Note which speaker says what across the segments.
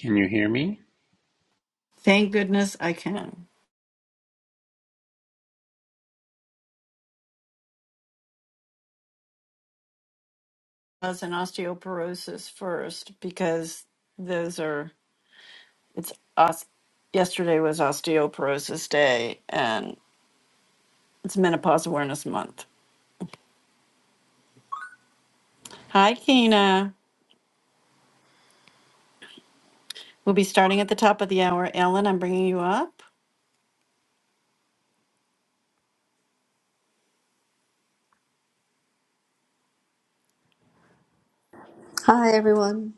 Speaker 1: Can you hear me?
Speaker 2: Thank goodness I can. I was in osteoporosis first because those are it's os- yesterday was osteoporosis day and it's menopause awareness month. Hi Kina. We'll be starting at the top of the hour. Ellen, I'm bringing you up.
Speaker 3: Hi, everyone.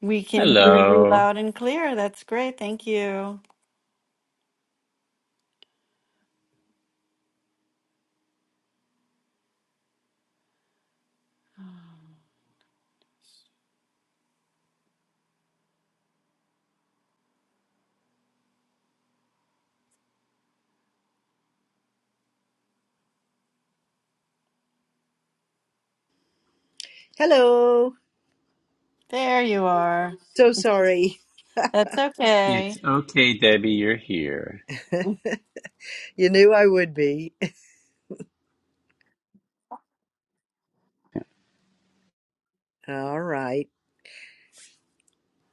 Speaker 2: We can hear you
Speaker 1: Hello.
Speaker 2: loud and clear. That's great. Thank you.
Speaker 4: Hello.
Speaker 2: There you are.
Speaker 4: So sorry.
Speaker 2: That's okay.
Speaker 1: It's okay, Debbie, you're here.
Speaker 4: You knew I would be. All right.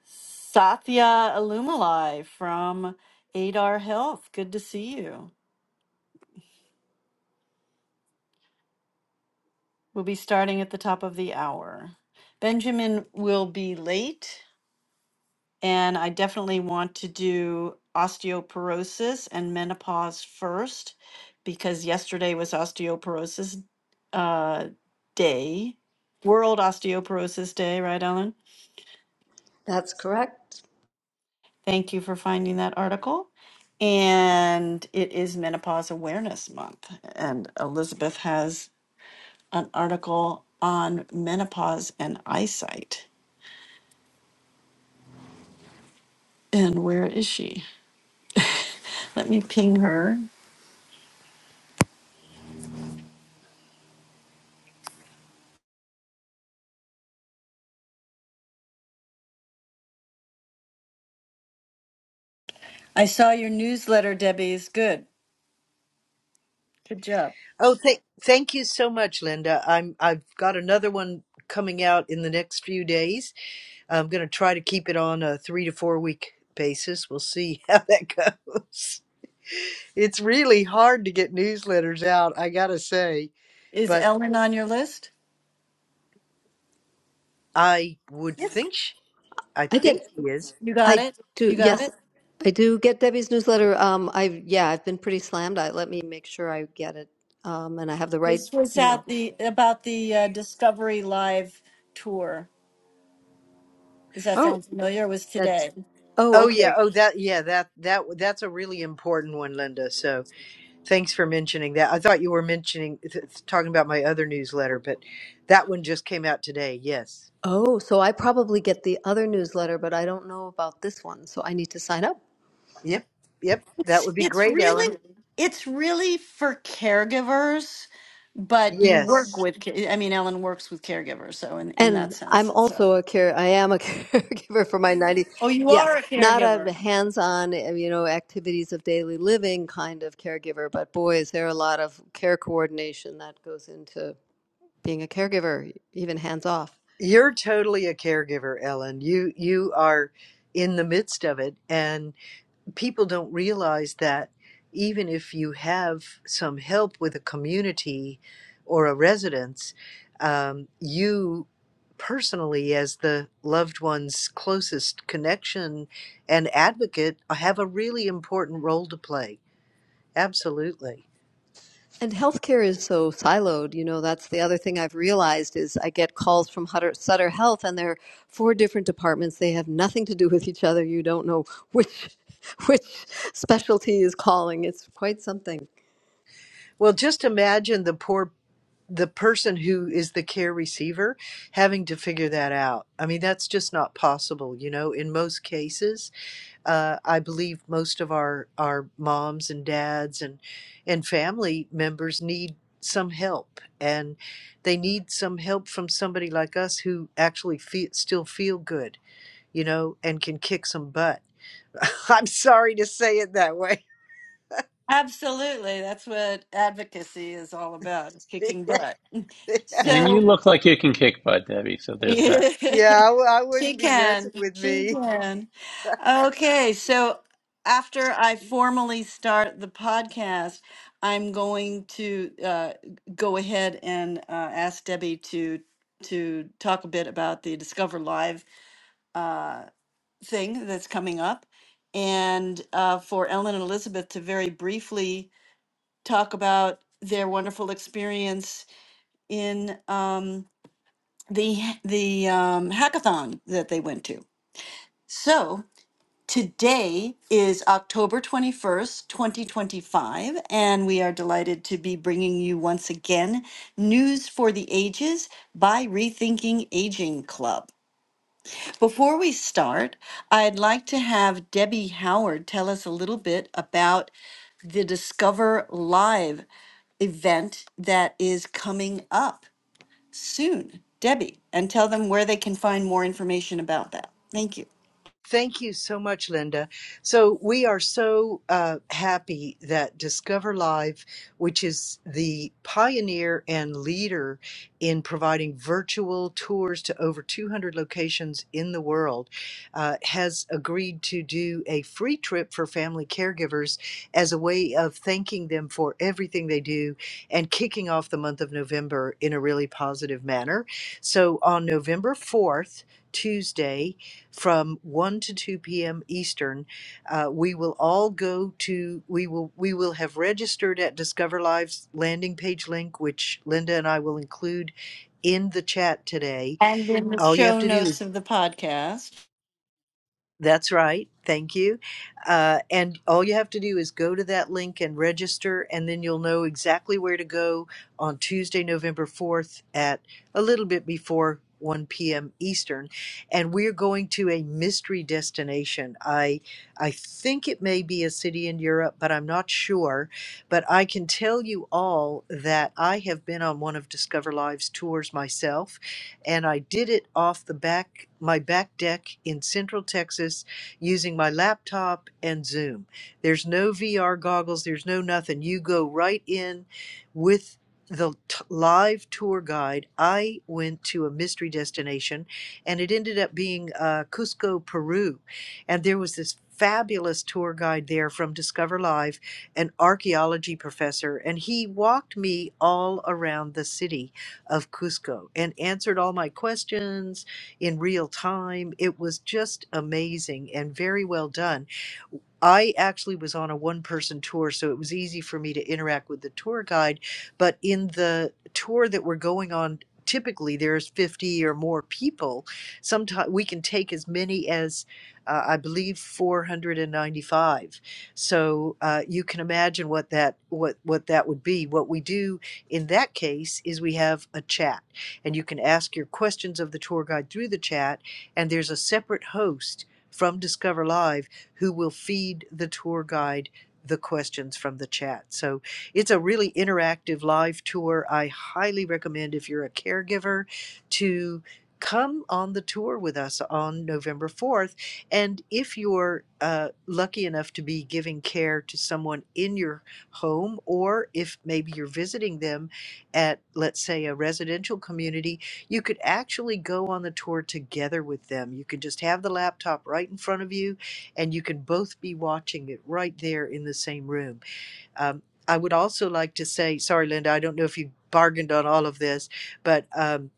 Speaker 2: Satya Alumalai from Adar Health. Good to see you. We'll be starting at the top of the hour. Benjamin will be late, and I definitely want to do osteoporosis and menopause first because yesterday was osteoporosis uh, day, World Osteoporosis Day, right, Ellen?
Speaker 3: That's correct.
Speaker 2: Thank you for finding that article. And it is Menopause Awareness Month, and Elizabeth has an article on menopause and eyesight. And where is she? Let me ping her. I saw your newsletter, Debbie. Is good. Good job.
Speaker 4: Oh, th- thank you so much, Linda. I'm I've got another one coming out in the next few days. I'm going to try to keep it on a 3 to 4 week basis. We'll see how that goes. It's really hard to get newsletters out, I got to say,
Speaker 2: Is
Speaker 4: but
Speaker 2: Ellen on your list?
Speaker 4: I would
Speaker 3: Yes.
Speaker 4: think sh- I
Speaker 3: I
Speaker 4: think
Speaker 3: get,
Speaker 4: he is.
Speaker 2: You got
Speaker 3: I
Speaker 2: it.
Speaker 3: do,
Speaker 2: You got
Speaker 3: yes,
Speaker 2: it.
Speaker 3: I do get Debbie's newsletter. Um, I've, yeah, I've been pretty slammed. I, let me make sure I get it. Um, and I have the right
Speaker 2: This was
Speaker 3: email.
Speaker 2: at the about the uh, Discovery Live tour. Does that
Speaker 3: Oh,
Speaker 2: sound familiar? It was
Speaker 3: that's,
Speaker 2: today.
Speaker 3: oh,
Speaker 4: Oh yeah,
Speaker 3: okay.
Speaker 4: oh that yeah, that that that's a really important one, Linda. So. Thanks for mentioning that. I thought you were mentioning th- talking about my other newsletter, but that one just came out today. Yes.
Speaker 3: Oh, so I probably get the other newsletter, but I don't know about this one. So I need to sign up.
Speaker 4: Yep. Yep. That
Speaker 2: It's
Speaker 4: would be
Speaker 2: it's
Speaker 4: great, Ellen.
Speaker 2: really it's really for caregivers, but you work
Speaker 4: Yes.
Speaker 2: with. ca- I mean, Ellen works with caregivers, so in in that
Speaker 3: And
Speaker 2: sense,
Speaker 3: I'm
Speaker 2: it's a.
Speaker 3: also a care. I am a caregiver for my 90.
Speaker 2: Oh, you are
Speaker 3: Yes,
Speaker 2: a
Speaker 3: not
Speaker 2: caregiver.
Speaker 3: a hands-on, uh, you know, activities of daily living kind of caregiver, but boy, is there a lot of care coordination that goes into being a caregiver, e, even hands-off.
Speaker 4: You're totally a caregiver, Ellen. You you are in the midst of it people don't realize that even if you have some help with a community or a residence, um, you personally, as the loved one's closest connection and advocate, have a really important role to play. Absolutely.
Speaker 3: And healthcare is so siloed, you know, that's the other thing I've realized is I get calls from Hutter, Sutter Health and they're four different departments. They have nothing to do with each other. You don't know which which specialty is calling. It's quite something.
Speaker 4: Well, just imagine the poor the person who is the care receiver having to figure that out. I mean, that's just not possible, you know, in most cases uh, I believe most of our our moms and dads and and family members need some help, and they need some help from somebody like us who actually feel, still feel good, you know, and can kick some butt. I'm sorry to say it that way.
Speaker 2: Absolutely. That's what advocacy is all about, is kicking
Speaker 4: yeah,
Speaker 2: butt.
Speaker 1: And you
Speaker 2: So
Speaker 1: look like you can kick butt, Debbie, so there's that.
Speaker 4: Yeah, I w- I
Speaker 2: she
Speaker 4: wouldn't be
Speaker 2: can.
Speaker 4: messing with
Speaker 2: She
Speaker 4: me.
Speaker 2: can. Okay. So after I formally start the podcast, I'm going to uh, go ahead and uh, ask Debbie to to talk a bit about the Discover Live uh, thing that's coming up. And uh, for Ellen and Elizabeth to very briefly talk about their wonderful experience in um, the the um, hackathon that they went to. So today is October 21st, 2025, and we are delighted to be bringing you once again News for the Ages by Rethinking Aging Club. Before we start, I'd like to have Debbie Howard tell us a little bit about the Discover Live event that is coming up soon. Debbie, and tell them where they can find more information about that. Thank you.
Speaker 4: Thank you so much, Linda. So, we are so uh, happy that Discover Live, which is the pioneer and leader in providing virtual tours to over 200 locations in the world, uh, has agreed to do a free trip for family caregivers as a way of thanking them for everything they do and kicking off the month of November in a really positive manner. So, on November 4th, Tuesday, from 1 to 2 p.m. Eastern. Uh, we will all go to we will we will have registered at Discover Live's landing page link, which Linda and I will include in the chat today.
Speaker 2: And in the
Speaker 4: All you have
Speaker 2: show
Speaker 4: to do is
Speaker 2: notes of the podcast.
Speaker 4: that's right. Thank you. Uh, and all you have to do is go to that link and register, and then you'll know exactly where to go on Tuesday, November 4th at a little bit before 1 p.m. Eastern. And we're going to a mystery destination. I, I think it may be a city in Europe, but I'm not sure. But I can tell you all that I have been on one of Discover Live's tours myself and I did it off the back my back deck in Central Texas using my laptop and Zoom. There's no VR goggles, there's no nothing. You go right in with the t- live tour guide. I went to a mystery destination and it ended up being uh, Cusco, Peru. And there was this fabulous tour guide there from Discover Live, an archaeology professor, and he walked me all around the city of Cusco and answered all my questions in real time. It was just amazing and very well done. I actually was on a one person tour, so it was easy for me to interact with the tour guide. But in the tour that we're going on, typically there's 50 or more people. Sometimes we can take as many as, uh, I believe, 495. So uh, you can imagine what that what what that would be. What we do in that case is we have a chat, and you can ask your questions of the tour guide through the chat. And there's a separate host from Discover Live who will feed the tour guide the questions from the chat. So it's a really interactive live tour. I highly recommend if you're a caregiver to come on the tour with us on November 4th. And if you're uh, lucky enough to be giving care to someone in your home, or if maybe you're visiting them at, let's say, a residential community, you could actually go on the tour together with them. You could just have the laptop right in front of you and you can both be watching it right there in the same room. Um, I would also like to say, sorry, Linda, I don't know if you bargained on all of this, but um,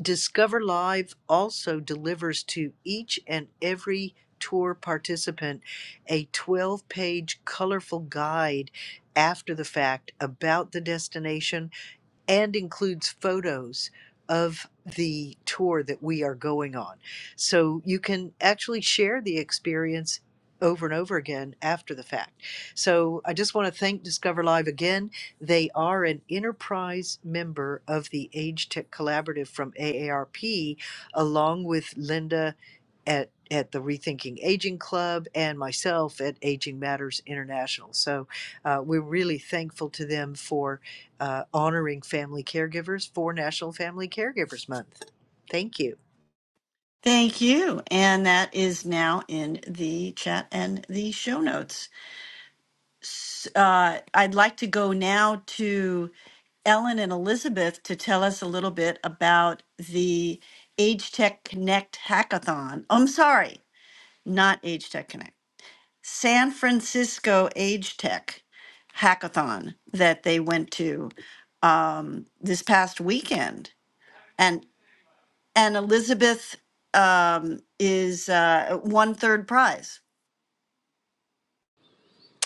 Speaker 4: Discover Live also delivers to each and every tour participant a 12 page colorful guide after the fact about the destination and includes photos of the tour that we are going on. So you can actually share the experience over and over again after the fact. So I just want to thank Discover Live again. They are an enterprise member of the Age Tech Collaborative from AARP, along with Linda at at the Rethinking Aging Club and myself at Aging Matters International. So uh, we're really thankful to them for uh, honoring family caregivers for National Family Caregivers Month. Thank you.
Speaker 2: Thank you. And that is now in the chat and the show notes. S- Uh, I'd like to go now to Ellen and Elizabeth to tell us a little bit about the Age Tech Connect hackathon. Oh, I'm sorry, not Age Tech Connect, San Francisco Age Tech hackathon that they went to um, this past weekend, and and Elizabeth um, is uh, won third prize.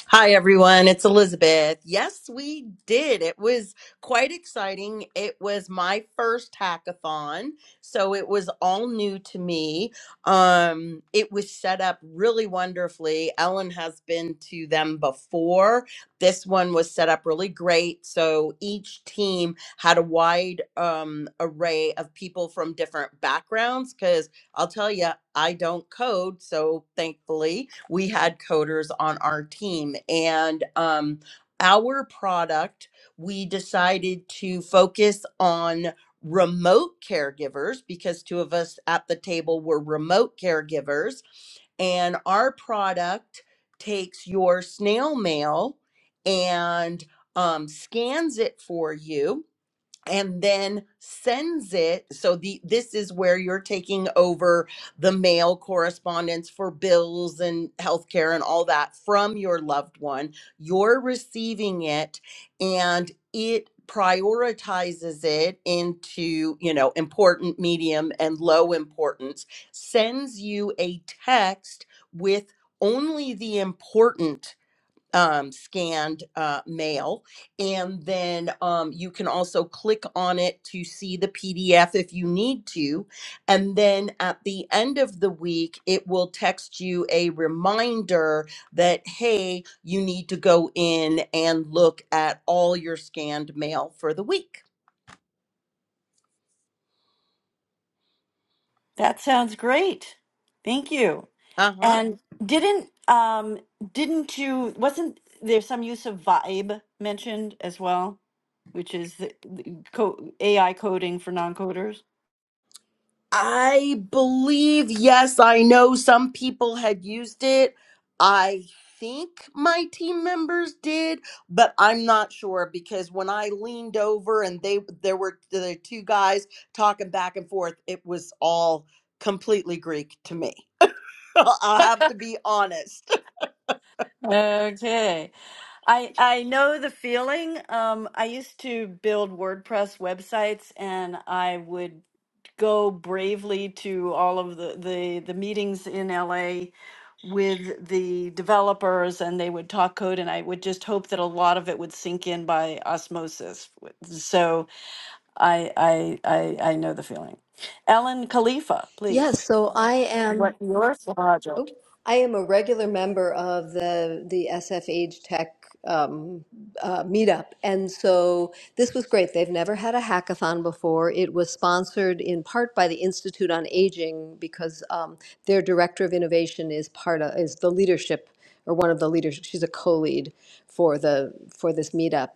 Speaker 5: Hi, everyone. It's Elizabeth. Yes, we did. It was quite exciting. It was my first hackathon, so it was all new to me. Um, it was set up really wonderfully. Ellen has been to them before. This one was set up really great. So each team had a wide um, array of people from different backgrounds I'll tell you, I don't code. So thankfully, we had coders on our team. And um, our product, we decided to focus on remote caregivers because two of us at the table were remote caregivers. And our product takes your snail mail and um, scans it for you and then sends it so the this is where you're taking over the mail correspondence for bills and healthcare and all that from your loved one you're receiving it and it prioritizes it into you know important medium and low importance sends you a text with only the important um, scanned uh, mail. And then um, you can also click on it to see the PDF if you need to. And then at the end of the week, it will text you a reminder that, hey, you need to go in and look at all your scanned mail for the week.
Speaker 2: That sounds great. Thank you.
Speaker 5: Uh huh.
Speaker 2: And didn't um didn't you wasn't there some use of vibe mentioned as well, which is the, the co- AI coding for non-coders?
Speaker 5: I believe, yes, I know some people had used it. I think my team members did, but I'm not sure because when I leaned over and they there were the two guys talking back and forth, it was all completely Greek to me. I'll have to be honest.
Speaker 2: Okay. I I know the feeling. Um, I used to build WordPress websites, and I would go bravely to all of the the, the meetings in LA with the developers, and they would talk code, and I would just hope that a lot of it would sink in by osmosis. So I I I, I know the feeling. Ellen Khalifa, please.
Speaker 3: Yes, so I
Speaker 2: What
Speaker 3: am
Speaker 2: your
Speaker 3: oh,
Speaker 2: project?
Speaker 3: I am a regular member of the the SFH Tech um, uh, meetup, and so this was great. They've never had a hackathon before. It was sponsored in part by the Institute on Aging because um, their director of innovation is part of is the leadership or one of the leaders. She's a co-lead for the for this meetup.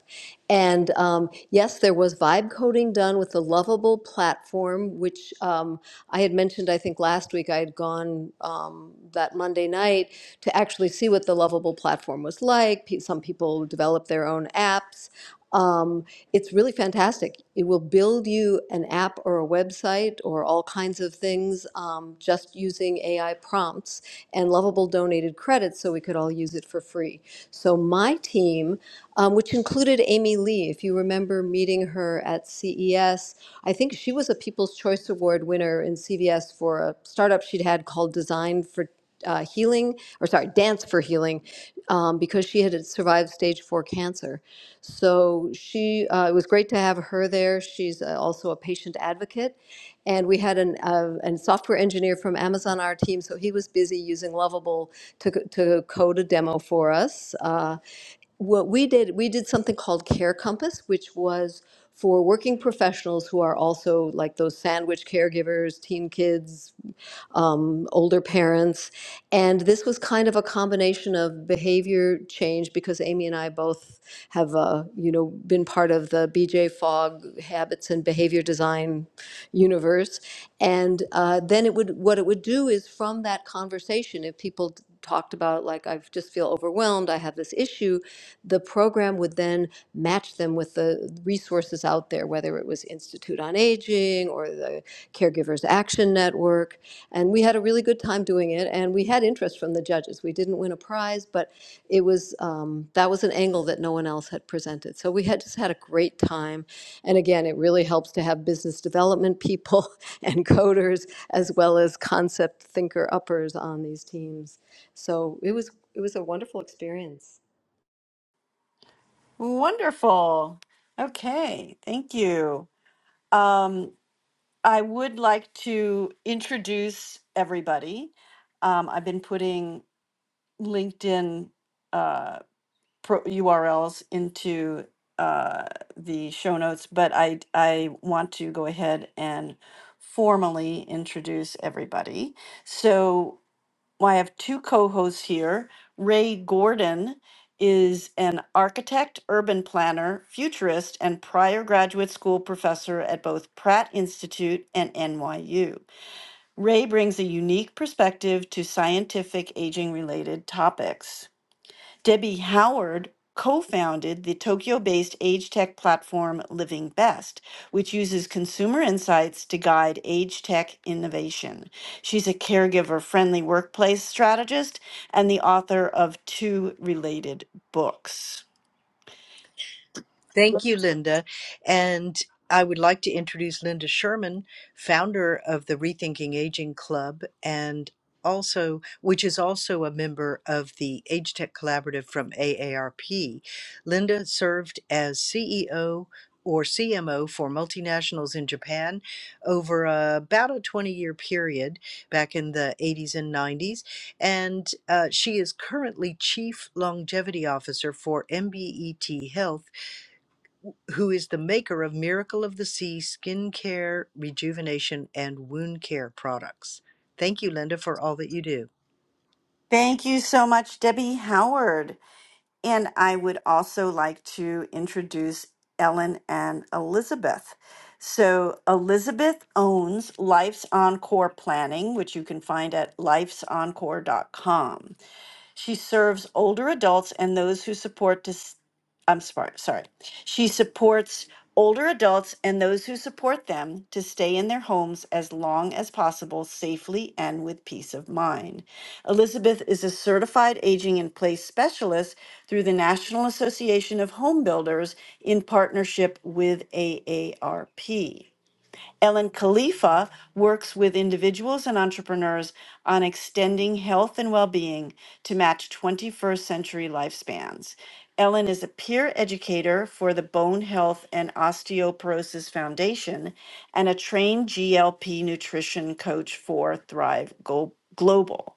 Speaker 3: And um, yes, there was vibe coding done with the Lovable platform, which um, I had mentioned. I think last week I had gone um, that Monday night to actually see what the Lovable platform was like. Pe- Some people developed their own apps. Um, it's really fantastic. It will build you an app or a website or all kinds of things um, just using AI prompts. And Lovable donated credits so we could all use it for free. So my team, um, which included Amy Lee, if you remember meeting her at CES, I think she was a People's Choice Award winner in CVS for a startup she'd had called Design for uh, Healing, or sorry, Dance for Healing, um, because she had survived stage four cancer. So she, uh, it was great to have her there. She's uh, also a patient advocate. And we had an, uh, an software engineer from Amazon, on our team, so he was busy using Lovable to, co- to code a demo for us. Uh, what we did, we did something called Care Compass, which was for working professionals who are also like those sandwich caregivers, teen kids, um, older parents. And this was kind of a combination of behavior change because Amy and I both have, uh, you know, been part of the BJ Fogg habits and behavior design universe and uh, then it would what it would do is from that conversation if people t- talked about like i just feel overwhelmed i have this issue the program would then match them with the resources out there whether it was institute on aging or the caregivers action network and we had a had a really good time doing it, and we had interest from the judges. We didn't win a prize, but it was um, that was an angle that no one else had presented. So we had just had a great time, and again, it really helps to have business development people and coders as well as concept thinker uppers on these teams. So it was it was a wonderful experience.
Speaker 2: Wonderful. Okay, thank you. Um, I would like to introduce everybody. Um, I've been putting LinkedIn uh, pro- URLs into uh, the show notes, but I I want to go ahead and formally introduce everybody. So well, I have two co-hosts here. Ray Gordon is an architect, urban planner, futurist, and prior graduate school professor at both Pratt Institute and NYU. Ray brings a unique perspective to scientific aging related topics. Debbie Howard co founded the Tokyo based age tech platform Living Best, which uses consumer insights to guide age tech innovation. She's a caregiver friendly workplace strategist and the author of two related books.
Speaker 4: Thank you, Linda. And I would like to introduce Linda Sherman, founder of the Rethinking Aging Club, and also, which is also a member of the Age Tech Collaborative from AARP. Linda served as CEO or CMO for multinationals in Japan over uh, about a 20 year period back in the 80s and 90s. And uh, she is currently Chief Longevity Officer for MBET Health who is the maker of Miracle of the Sea skin care, rejuvenation, and wound care products. Thank you, Linda, for all that you do.
Speaker 2: Thank you so much, Debbie Howard. And I would also like to introduce Ellen and Elizabeth. So, Elizabeth owns Life's Encore Planning, which you can find at life'sencore.com. She serves older adults and those who support dis- I'm smart, sorry. She supports older adults and those who support them to stay in their homes as long as possible safely and with peace of mind. Elizabeth is a certified aging in place specialist through the National Association of Home Builders in partnership with AARP. Ellen Khalifa works with individuals and entrepreneurs on extending health and well being to match 21st century lifespans. Ellen is a peer educator for the Bone Health and Osteoporosis Foundation and a trained GLP nutrition coach for Thrive Go- Global.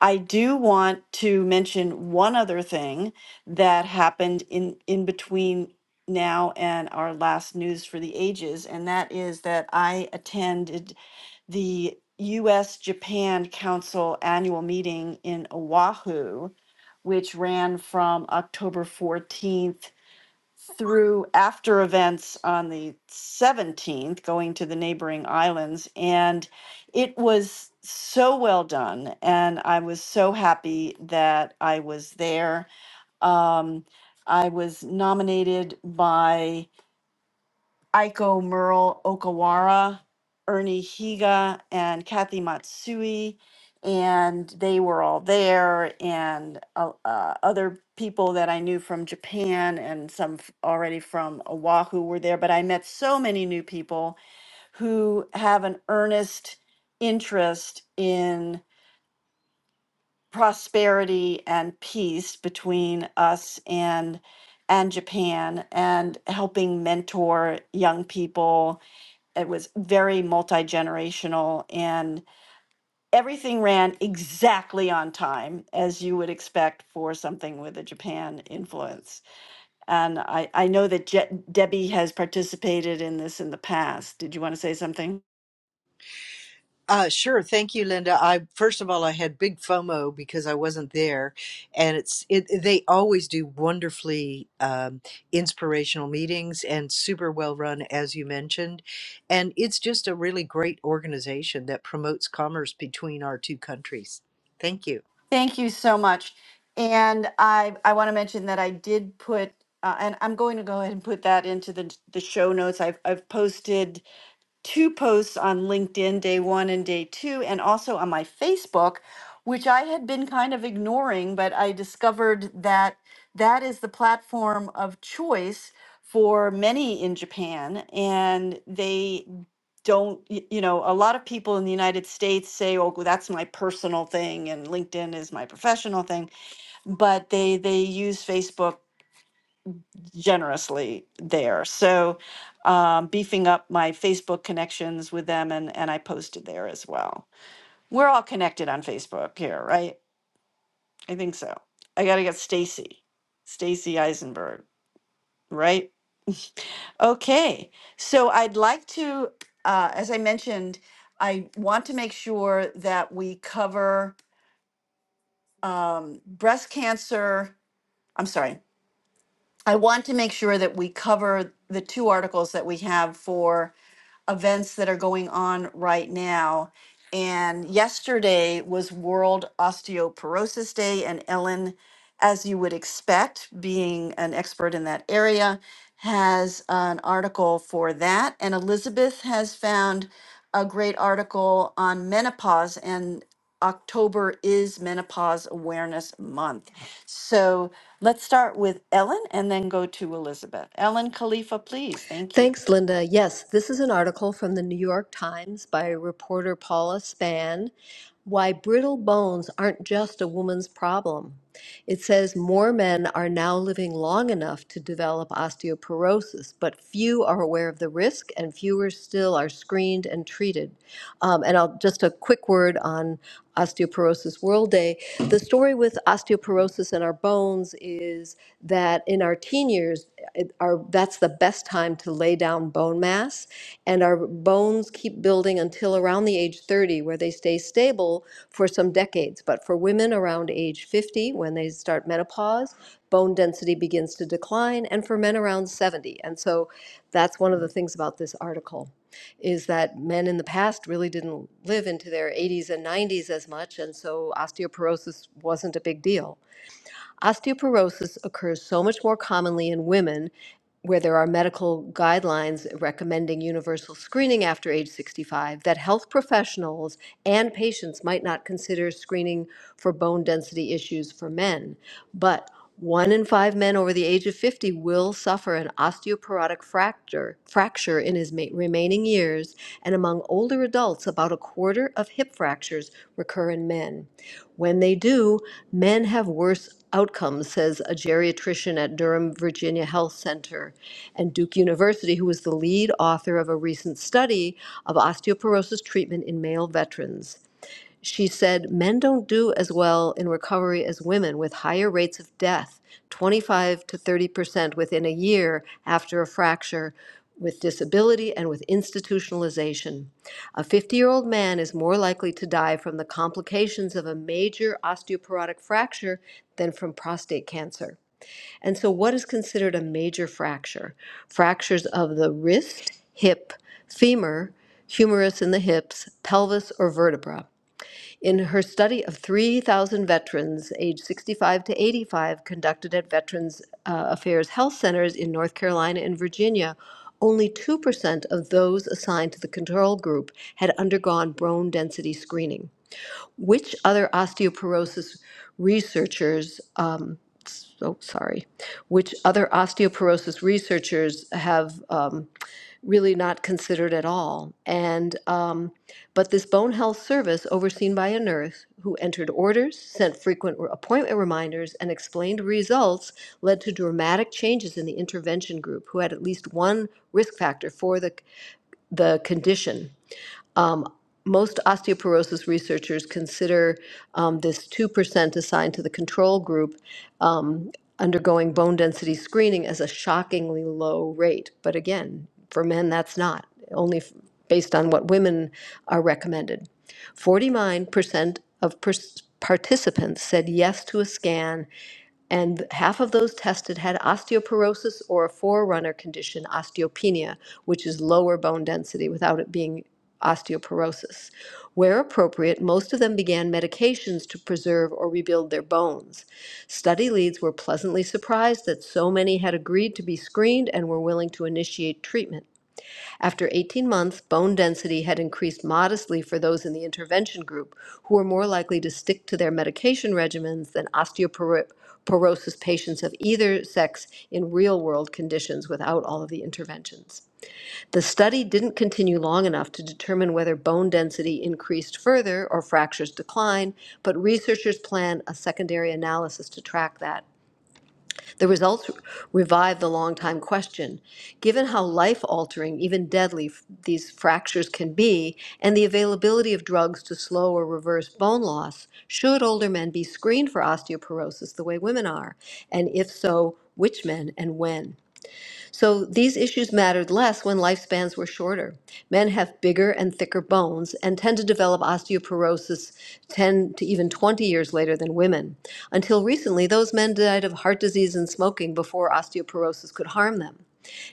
Speaker 2: I do want to mention one other thing that happened in, in between now and our last news for the ages, and that is that I attended the US Japan Council annual meeting in Oahu, which ran from October 14th through after events on the 17th, going to the neighboring islands. And it was so well done. And I was so happy that I was there. Um, I was nominated by Aiko Merle Okawara, Ernie Higa, and Kathy Matsui. And they were all there, and uh, uh, other people that I knew from Japan and some f- already from Oahu were there. But I met so many new people who have an earnest interest in prosperity and peace between us and and Japan and helping mentor young people it was very multi generational, and everything ran exactly on time, as you would expect for something with a Japan influence. And I, I know that Je- Debbie has participated in this in the past. Did you want to say something?
Speaker 4: Uh, sure. Thank you, Linda. I first of all, I had big FOMO because I wasn't there, and it's it. They always do wonderfully um, inspirational meetings and super well run, as you mentioned, and it's just a really great organization that promotes commerce between our two countries. Thank you.
Speaker 2: Thank you so much. And I, I want to mention that I did put, uh, and I'm going to go ahead and put that into the, the show notes. I've, I've posted two posts on LinkedIn, day one and day two, and also on my Facebook, which I had been kind of ignoring, but I discovered that that is the platform of choice for many in Japan. And they don't, y- you know, a lot of people in the United States say, oh, well, that's my personal thing and LinkedIn is my professional thing. But they, they use Facebook generously there. So um, beefing up my Facebook connections with them, and and I posted there as well. We're all connected on Facebook here, right? I think so. I gotta get Stacy, Stacy Eisenberg, right? Okay, so I'd like to, uh, as I mentioned, I want to make sure that we cover um, breast cancer. I'm sorry. I want to make sure that we cover the two articles that we have for events that are going on right now. And yesterday was World Osteoporosis Day, and Ellen, as you would expect, being an expert in that area, has an article for that. And Elizabeth has found a great article on menopause, and October is Menopause Awareness Month. So let's start with Ellen and then go to Elizabeth. Ellen Khalifa, please. Thank you.
Speaker 3: Thanks, Linda. Yes, this is an article from the New York Times by reporter Paula Spann. Why brittle bones aren't just a woman's problem. It says more men are now living long enough to develop osteoporosis, but few are aware of the risk and fewer still are screened and treated. Um, and I'll just a quick word on Osteoporosis World Day. The story with osteoporosis in our bones is that in our teen years, our, that's the best time to lay down bone mass. And our bones keep building until around the age 30, where they stay stable for some decades. But for women around age 50, when they start menopause, bone density begins to decline, and for men around 70. And so that's one of the things about this article is that men in the past really didn't live into their 80s and 90s as much, and so osteoporosis wasn't a big deal. Osteoporosis occurs so much more commonly in women where there are medical guidelines recommending universal screening after age 65 that health professionals and patients might not consider screening for bone density issues for men. But one in five men over the age of 50 will suffer an osteoporotic fracture, fracture in his ma- remaining years, and among older adults, about a quarter of hip fractures recur in men. When they do, men have worse outcomes, says a geriatrician at Durham, Virginia Health Center and Duke University, who was the lead author of a recent study of osteoporosis treatment in male veterans. She said men don't do as well in recovery as women with higher rates of death, 25 to 30% within a year after a fracture, with disability and with institutionalization. A 50 year old man is more likely to die from the complications of a major osteoporotic fracture than from prostate cancer. And so, what is considered a major fracture? Fractures of the wrist, hip, femur, humerus in the hips, pelvis, or vertebra. In her study of 3,000 veterans aged 65 to 85 conducted at Veterans uh, Affairs Health Centers in North Carolina and Virginia, only 2% of those assigned to the control group had undergone bone density screening. Which other osteoporosis researchers, um, so sorry, which other osteoporosis researchers have um, really not considered at all? And, um, but this bone health service overseen by a nurse who entered orders, sent frequent re- appointment reminders, and explained results led to dramatic changes in the intervention group who had at least one risk factor for the, the condition most osteoporosis researchers consider um, this 2% assigned to the control group undergoing bone density screening as a shockingly low rate. But again, for men, that's not, only f- based on what women are recommended. 49% of pers- participants said yes to a scan and half of those tested had osteoporosis or a forerunner condition, osteopenia, which is lower bone density without it being osteoporosis. Where appropriate, most of them began medications to preserve or rebuild their bones. Study leads were pleasantly surprised that so many had agreed to be screened and were willing to initiate treatment. After 18 months, bone density had increased modestly for those in the intervention group, who were more likely to stick to their medication regimens than osteoporosis patients of either sex in real world conditions without all of the interventions. The study didn't continue long enough to determine whether bone density increased further or fractures declined, but researchers plan a secondary analysis to track that. The results revive the long-time question. Given how life altering, even deadly, these fractures can be, and the availability of drugs to slow or reverse bone loss, should older men be screened for osteoporosis the way women are? And if so, which men and when? So these issues mattered less when lifespans were shorter. Men have bigger and thicker bones and tend to develop osteoporosis 10 to even 20 years later than women. Until recently, those men died of heart disease and smoking before osteoporosis could harm them.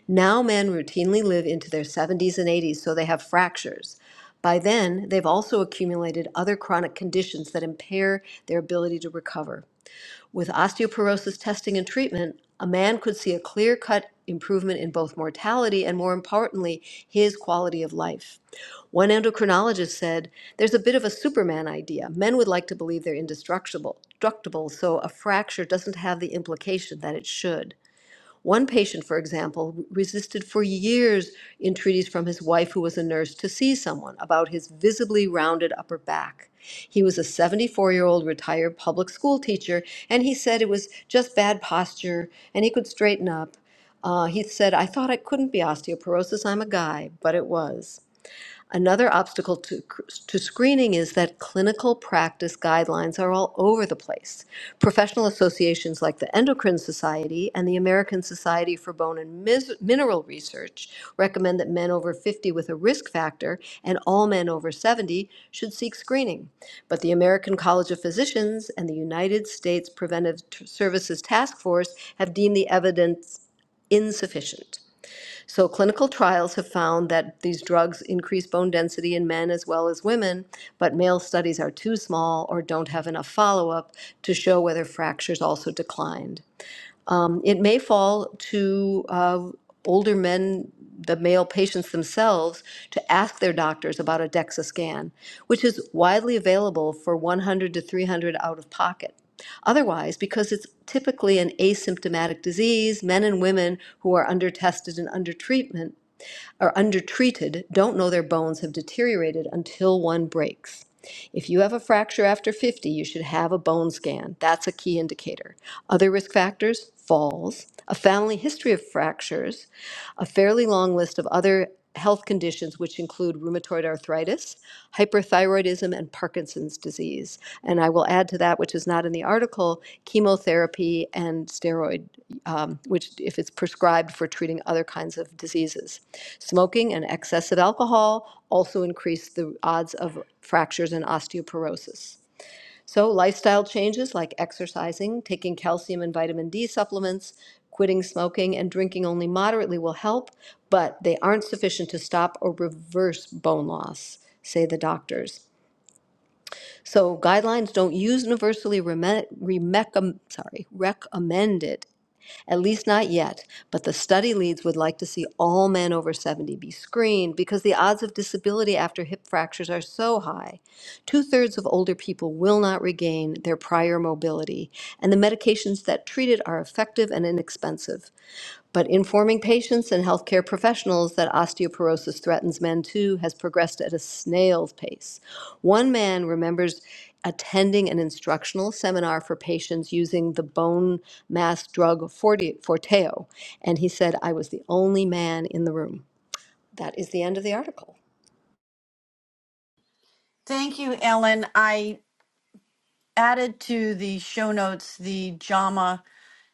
Speaker 3: Now men routinely live into their 70s and 80s, so they have fractures. By then, they've also accumulated other chronic conditions that impair their ability to recover. With osteoporosis testing and treatment, a man could see a clear cut improvement in both mortality and, more importantly, his quality of life. One endocrinologist said, There's a bit of a Superman idea. Men would like to believe they're indestructible, destructible, so a fracture doesn't have the implication that it should. One patient, for example, resisted for years entreaties from his wife, who was a nurse, to see someone about his visibly rounded upper back. He was a 74 year old retired public school teacher, and he said it was just bad posture and he could straighten up. Uh, he said, I thought it couldn't be osteoporosis, I'm a guy, but it was. Another obstacle to, to screening is that clinical practice guidelines are all over the place. Professional associations like the Endocrine Society and the American Society for Bone and Mineral Research recommend that men over 50 with a risk factor and all men over 70 should seek screening. But the American College of Physicians and the United States Preventive Services Task Force have deemed the evidence insufficient. So clinical trials have found that these drugs increase bone density in men as well as women, but male studies are too small or don't have enough follow-up to show whether fractures also declined. Um, it may fall to uh, older men, the male patients themselves, to ask their doctors about a DEXA scan, which is widely available for 100 to 300 out of pocket. Otherwise, because it's typically an asymptomatic disease, men and women who are under tested and under treatment are undertreated don't know their bones have deteriorated until one breaks. If you have a fracture after 50, you should have a bone scan. That's a key indicator. Other risk factors falls, a family history of fractures, a fairly long list of other health conditions, which include rheumatoid arthritis, hyperthyroidism, and Parkinson's disease. And I will add to that, which is not in the article, chemotherapy and steroid, um, which, if it's prescribed for treating other kinds of diseases. Smoking and excessive alcohol also increase the odds of fractures and osteoporosis. So, lifestyle changes like exercising, taking calcium and vitamin D supplements, quitting smoking, and drinking only moderately will help, but they aren't sufficient to stop or reverse bone loss, say the doctors. So, guidelines don't use universally reme- remeccom- sorry, recommended at least not yet. But the study leads would like to see all men over 70 be screened because the odds of disability after hip fractures are so high. Two thirds of older people will not regain their prior mobility, and the medications that treat it are effective and inexpensive. But informing patients and healthcare professionals that osteoporosis threatens men too has progressed at a snail's pace. One man remembers attending an instructional seminar for patients using the bone mass drug Forte- Forteo, and he said, I was the only man in the room. That is the end of the article.
Speaker 2: Thank you, Ellen. I added to the show notes the JAMA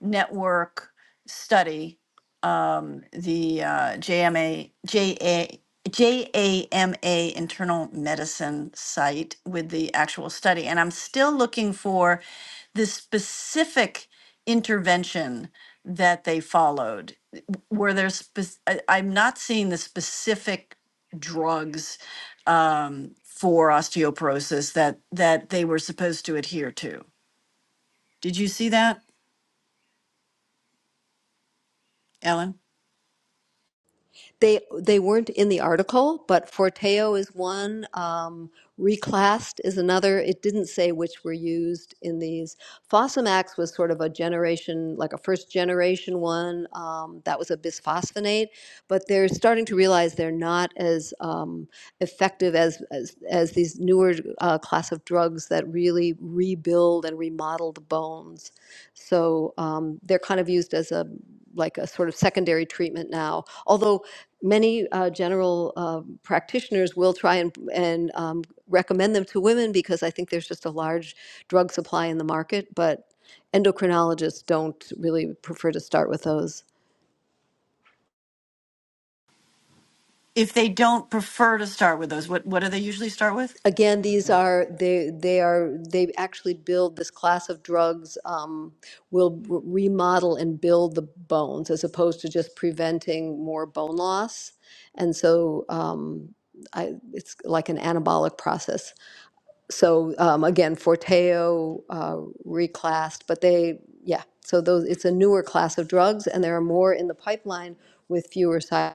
Speaker 2: network study, um, the uh, JMA, JA, JAMA internal medicine site with the actual study. And I'm still looking for the specific intervention that they followed. Were there, spec- I, I'm not seeing the specific drugs um, for osteoporosis that, that they were supposed to adhere to. Did you see that, Ellen?
Speaker 3: They they weren't in the article, but Forteo is one. Um, Reclast is another. It didn't say which were used in these. Fosamax was sort of a generation, like a first generation one. Um, that was a bisphosphonate, but they're starting to realize they're not as um, effective as, as as these newer uh, class of drugs that really rebuild and remodel the bones. So um, they're kind of used as a like a sort of secondary treatment now. Although many uh, general uh, practitioners will try and and um, recommend them to women because I think there's just a large drug supply in the market, but endocrinologists don't really prefer to start with those
Speaker 2: if they don't prefer to start with those, what what do they usually start with?
Speaker 3: Again, these are, they, they are, they actually build, this class of drugs um, will r- remodel and build the bones as opposed to just preventing more bone loss. And so um, I, it's like an anabolic process. So um, again, Forteo uh, reclassed, but they, yeah, so those, it's a newer class of drugs and there are more in the pipeline with fewer side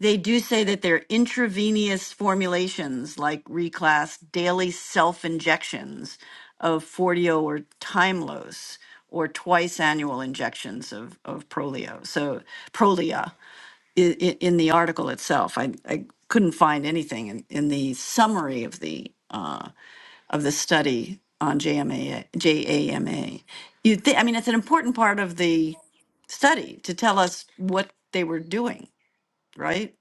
Speaker 2: They do say that they're intravenous formulations, like reclass daily self injections of Forteo or Timlos, or twice annual injections of of Prolio. So Prolia i- i- in the article itself. I, I couldn't find anything in, in the summary of the uh, of the study on JMA, JAMA. You think, I mean, it's an important part of the study to tell us what they were doing, right?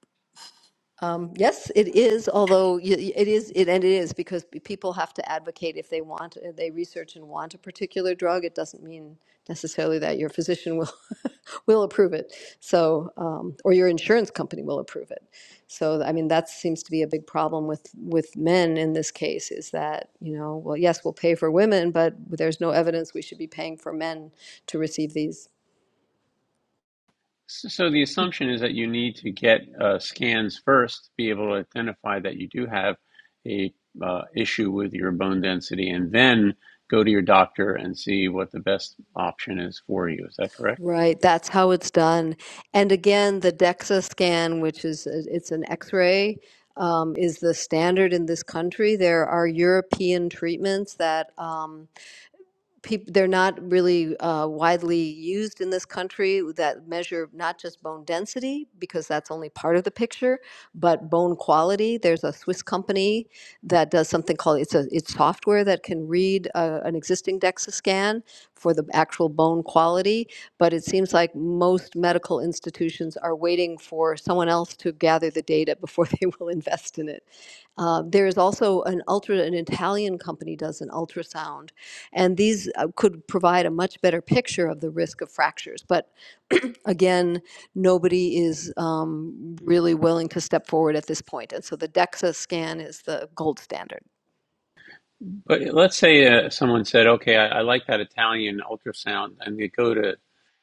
Speaker 3: Um, yes, it is. Although y- y- it is, it and it is because p- people have to advocate if they want, if they research and want a particular drug. It doesn't mean necessarily that your physician will will approve it. So, um, or your insurance company will approve it. So, I mean, that seems to be a big problem with with men in this case is that you know, well, yes, we'll pay for women, but there's no evidence we should be paying for men to receive these
Speaker 1: S- So the assumption is that you need to get uh, scans first to be able to identify that you do have a uh, issue with your bone density and then go to your doctor and see what the best option is for you. Is that correct?
Speaker 3: Right, that's how it's done. And again, the DEXA scan, which is uh, it's an X-ray, um, is the standard in this country. There are European treatments that. Um, people they're not really uh, widely used in this country that measure not just bone density because that's only part of the picture but bone quality there's a swiss company that does something called it's a it's software that can read uh, an existing dexa scan for the actual bone quality but it seems like most medical institutions are waiting for someone else to gather the data before they will invest in it uh, there is also an ultra, an Italian company does an ultrasound, and these uh, could provide a much better picture of the risk of fractures. But again, nobody is um, really willing to step forward at this point, and so the DEXA scan is the gold standard.
Speaker 1: But let's say uh, someone said, okay, I, I like that Italian ultrasound, and they go to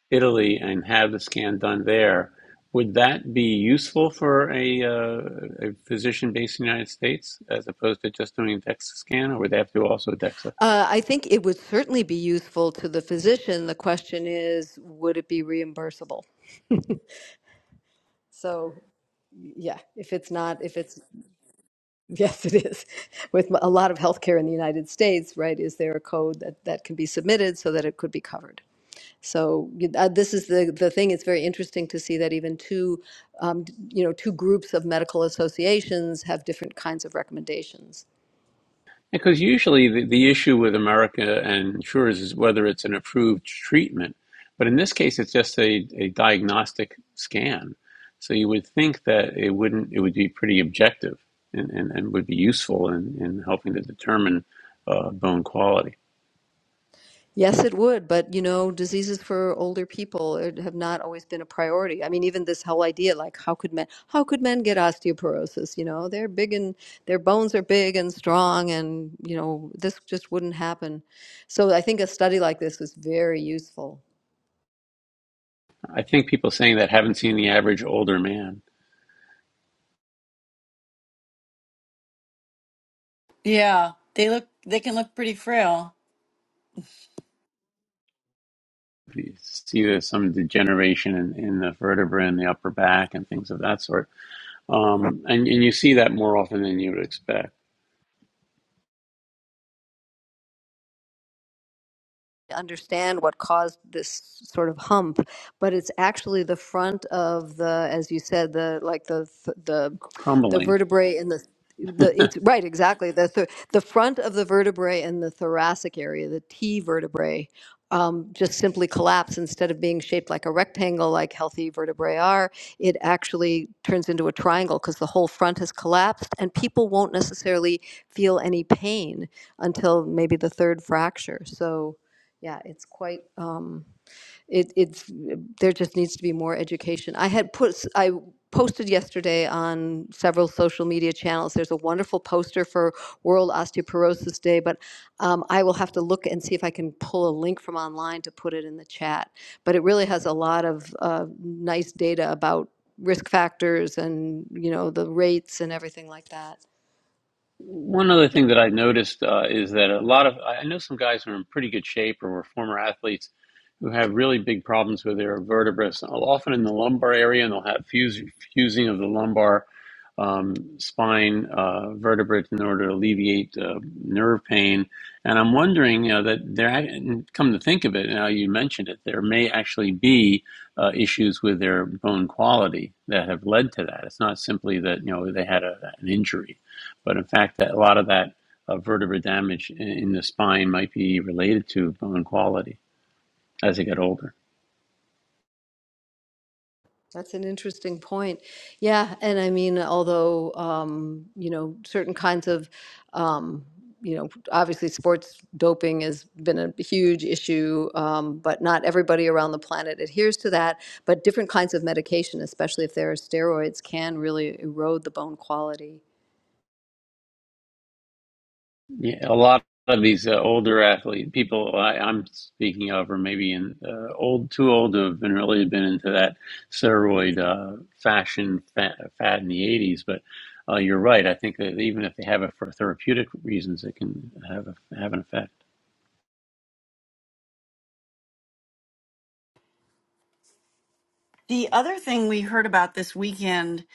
Speaker 1: Italy and have the scan done there, would that be useful for a, uh, a physician based in the United States as opposed to just doing a DEXA scan, or would they have to do also a DEXA?
Speaker 3: Uh, I think it would certainly be useful to the physician. The question is, would it be reimbursable? So yeah, if it's not, if it's Yes, it is. With a lot of healthcare in the United States, right? Is there a code that, that can be submitted so that it could be covered? So you- uh, this is the, the thing. It's very interesting to see that even two, um, d- you know, two groups of medical associations have different kinds of recommendations.
Speaker 1: Because usually the, the issue with America and insurers is whether it's an approved treatment, but in this case, it's just a, a diagnostic scan. So you would think that it wouldn't, it would be pretty objective and, and, and would be useful in, in helping to determine uh, bone quality.
Speaker 3: Yes, it would, but you know, diseases for older people it- have not always been a priority. I mean, even this whole idea, like how could men how could men get osteoporosis? You know, they're big and their bones are big and strong, and you know, this just wouldn't happen. So I think a study like this was very useful
Speaker 1: I think people saying that haven't seen the average older man.
Speaker 2: Yeah, they look they can look pretty frail.
Speaker 1: You see there's some degeneration in, in the vertebrae and the upper back and things of that sort. Um, and, and you see that more often than you would expect,
Speaker 3: to understand what caused this sort of hump, but it's actually the front of the, as you said, the like the the the
Speaker 1: crumbling.
Speaker 3: vertebrae and the the it's right exactly the th- the front of the vertebrae and the thoracic area, the T vertebrae, um, just simply collapse instead of being shaped like a rectangle like healthy vertebrae are. It actually turns into a triangle because the whole front has collapsed, and people won't necessarily feel any pain until maybe the third fracture. So, yeah, it's quite. Um, it, it's, there just needs to be more education. I had put, I posted yesterday on several social media channels, there's a wonderful poster for World Osteoporosis Day, but um, I will have to look and see if I can pull a link from online to put it in the chat. But it really has a lot of uh, nice data about risk factors and, you know, the rates and everything like that.
Speaker 1: One other thing that I noticed uh, is that a lot of I know some guys who are in pretty good shape or were former athletes who have really big problems with their vertebrae, so often in the lumbar area, and they'll have fuse, fusing of the lumbar um, spine uh, vertebrae in order to alleviate uh, nerve pain. And I'm wondering you know, that there, and come to think of it, now you mentioned it, there may actually be uh, issues with their bone quality that have led to that. It's not simply that you know they had a, an injury. But in fact, that, a lot of that uh, vertebra damage in, in the spine might be related to bone quality as they get older.
Speaker 3: That's an interesting point. Yeah, and I mean, although, um, you know, certain kinds of, um, you know, obviously sports doping has been a huge issue, um, but not everybody around the planet adheres to that. But different kinds of medication, especially if there are steroids, can really erode the bone quality.
Speaker 1: Yeah, a lot of these uh, older athlete people I, I'm speaking of are maybe in uh, old, too old to have been really been into that steroid uh, fashion fat, fad in the 80s. But uh, you're right. I think that even if they have it for therapeutic reasons, it can have a, have an effect.
Speaker 2: The other thing we heard about this weekend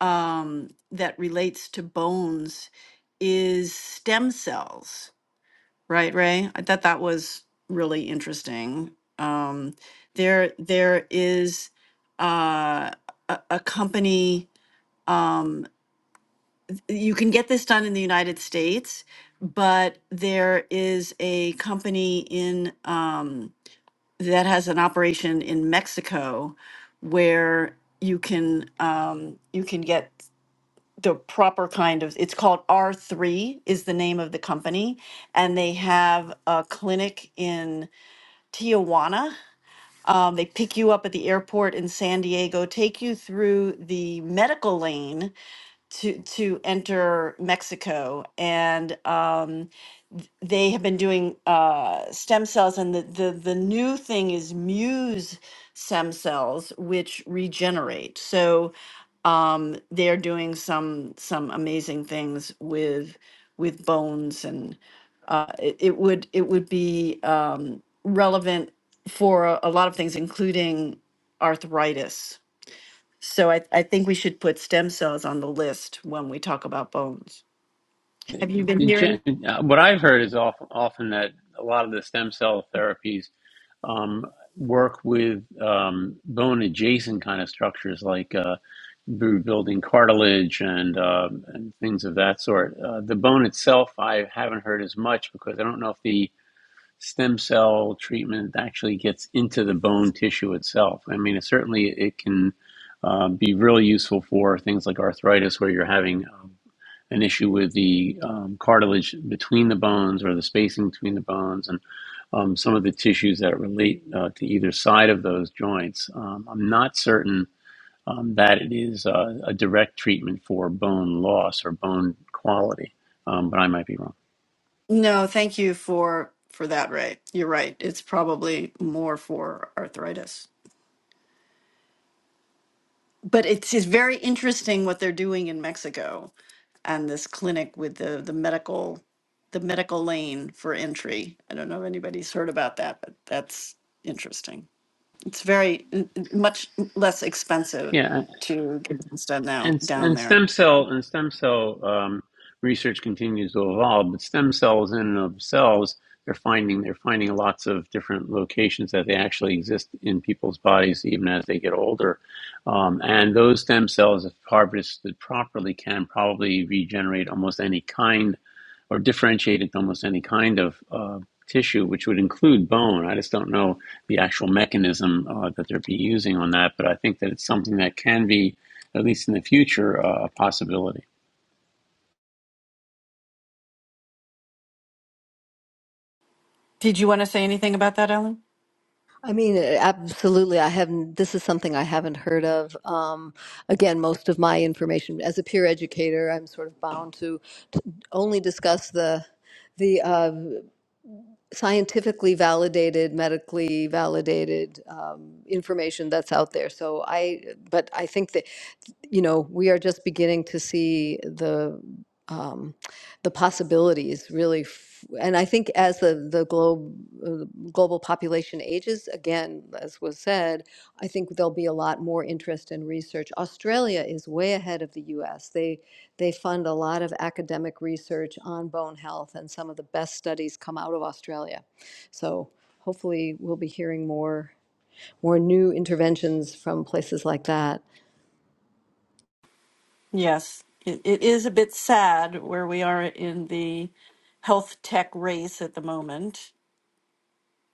Speaker 2: um, that relates to bones is stem cells, right, Ray? I thought that was really interesting. Um, there, there is uh, a, a company. Um, you can get this done in the United States, but there is a company in um, that has an operation in Mexico where you can um, you can get the proper kind of it's called R3 is the name of the company and they have a clinic in Tijuana. Um, they pick you up at the airport in San Diego, take you through the medical lane to to enter Mexico, and um, they have been doing uh, stem cells. And the, the the new thing is Muse stem cells, which regenerate. So um, they are doing some some amazing things with with bones, and uh, it, it would it would be um, relevant for a, a lot of things, including arthritis. So I, I think we should put stem cells on the list when we talk about bones. Have you been
Speaker 1: In
Speaker 2: hearing?
Speaker 1: uh, what I've heard is often, often that a lot of the stem cell therapies um, work with um, bone adjacent kind of structures like uh, building cartilage and, um and things of that sort. Uh, the bone itself, I haven't heard as much because I don't know if the stem cell treatment actually gets into the bone tissue itself. I mean, it, certainly it can uh, be really useful for things like arthritis where you're having um, an issue with the um, cartilage between the bones or the spacing between the bones and um, some of the tissues that relate uh, to either side of those joints. Um, I'm not certain um, that it is uh, a direct treatment for bone loss or bone quality, um, but I might be wrong.
Speaker 2: No, thank you for for that, Ray. You're right. It's probably more for arthritis. But it's just very interesting what they're doing in Mexico and this clinic with the the medical the medical lane for entry. I don't know if anybody's heard about that, but that's interesting. It's very n- n- much less expensive
Speaker 1: Yeah,
Speaker 2: to get things done now
Speaker 1: And
Speaker 2: down
Speaker 1: and
Speaker 2: there.
Speaker 1: stem cell and stem cell um, research continues to evolve, but stem cells in and of themselves, they're finding they're finding lots of different locations that they actually exist in people's bodies even as they get older, um, and those stem cells, if harvested properly, can probably regenerate almost any kind or differentiated to almost any kind of uh, tissue, which would include bone. I just don't know the actual mechanism uh, that they'd be using on that, but I think that it's something that can be, at least in the future, uh, a possibility.
Speaker 2: Did you want to say anything about that, Ellen?
Speaker 3: I mean, uh, absolutely. I haven't, this is something I haven't heard of. Um, again, most of my information as a peer educator, I'm sort of bound to, to only discuss the, the uh, scientifically validated, medically validated um, information that's out there. So I, but I think that, you know, we are just beginning to see the um, the possibilities really f- and i think as the the globe uh, global population ages again as was said i think there'll be a lot more interest in research australia is way ahead of the us they they fund a lot of academic research on bone health and some of the best studies come out of australia so hopefully we'll be hearing more more new interventions from places like that
Speaker 2: Yes, it, it is a bit sad where we are in the health tech race at the moment,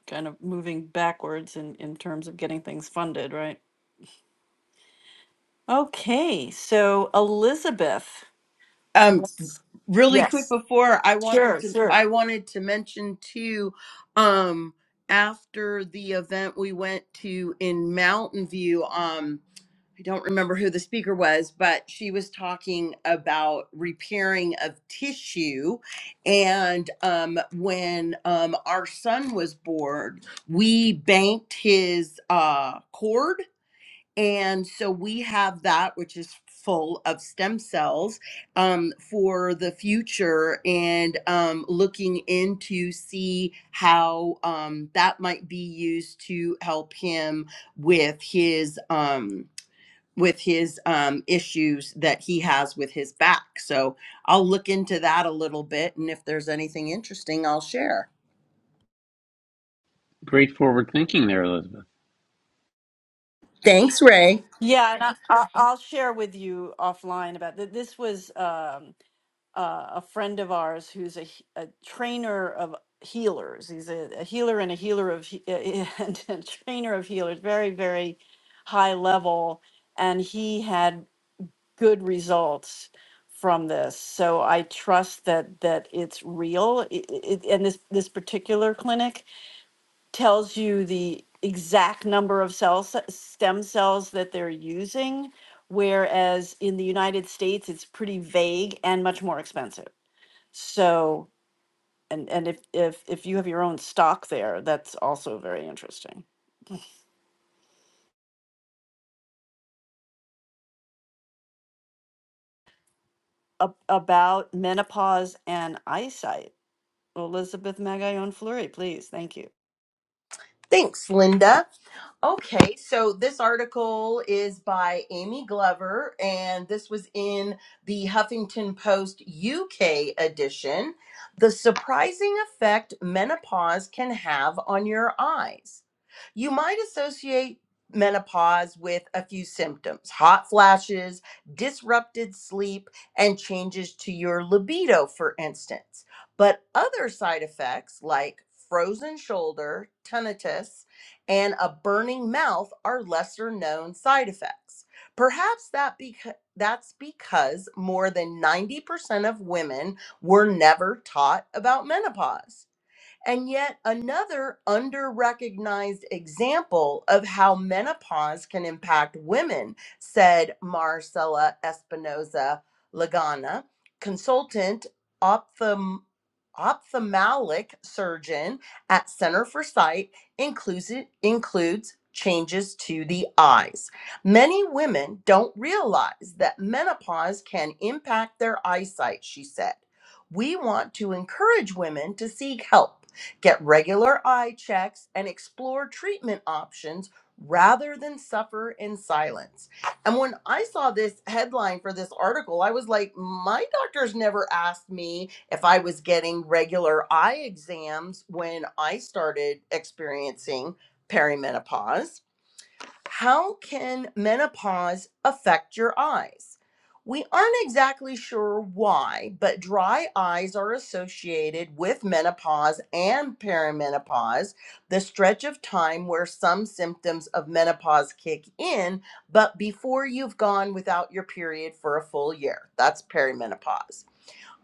Speaker 2: kind of moving backwards in, in terms of getting things funded, right? Okay, so Elizabeth,
Speaker 5: Um,
Speaker 2: let's,
Speaker 5: really quick
Speaker 2: yes.
Speaker 5: before I wanted to I wanted to mention too um after the event we went to in Mountain View um I don't remember who the speaker was but she was talking about repairing of tissue and um when um our son was born we banked his uh cord and so we have that, which is full of stem cells um, for the future and um, looking into see how um, that might be used to help him with his um, with his um, issues that he has with his back. So I'll look into that a little bit. And if there's anything interesting, I'll share.
Speaker 1: Great forward thinking there, Elizabeth.
Speaker 5: Thanks, Ray.
Speaker 2: Yeah, and I, I- I'll share with you offline about that. This was um, uh, a friend of ours who's a, he- a trainer of healers. He's a, a healer and a healer of he- and a trainer of healers, very very high level, and he had good results from this. So I trust that that it's real. I I- it, and this this particular clinic tells you the exact number of cells, stem cells that they're using. Whereas in the United States, it's pretty vague and much more expensive. So, and and if if if you have your own stock there, that's also very interesting. Ab- about menopause and eyesight, Elizabeth Magallon Fleury, please. Thank you.
Speaker 5: Thanks, Linda. Okay, so this article is by Amy Glover, and this was in the Huffington Post UK edition. The surprising effect menopause can have on your eyes. You might associate menopause with a few symptoms hot flashes, disrupted sleep, and changes to your libido, for instance. But other side effects like frozen shoulder, tinnitus, and a burning mouth are lesser known side effects. Perhaps that beca- that's because more than 90% of women were never taught about menopause. And yet, another under recognized example of how menopause can impact women, said Marcela Espinoza Lagana, consultant ophthalm- ophthalmic surgeon at Center for Sight, includes, includes changes to the eyes. Many women don't realize that menopause can impact their eyesight, she said. We want to encourage women to seek help Get regular eye checks and explore treatment options rather than suffer in silence. And when I saw this headline for this article, I was like, my doctor's never asked me if I was getting regular eye exams when I started experiencing perimenopause how can menopause affect your eyes? We aren't exactly sure why, but dry eyes are associated with menopause and perimenopause, the stretch of time where some symptoms of menopause kick in, but before you've gone without your period for a full year. That's perimenopause.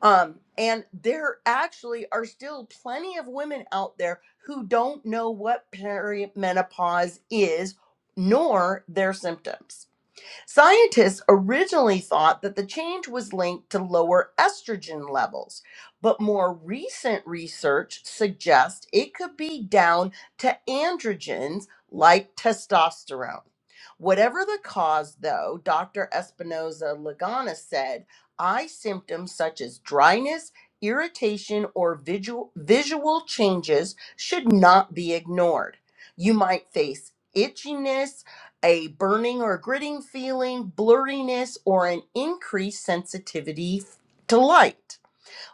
Speaker 5: Um, and there actually are still plenty of women out there who don't know what perimenopause is, nor their symptoms. Scientists originally thought that the change was linked to lower estrogen levels, but more recent research suggests it could be down to androgens like testosterone. Whatever the cause, though, Dr. Espinoza Lagana said eye symptoms such as dryness, irritation, or visual, visual changes should not be ignored. You might face itchiness a burning or gritting feeling, blurriness, or an increased sensitivity to light.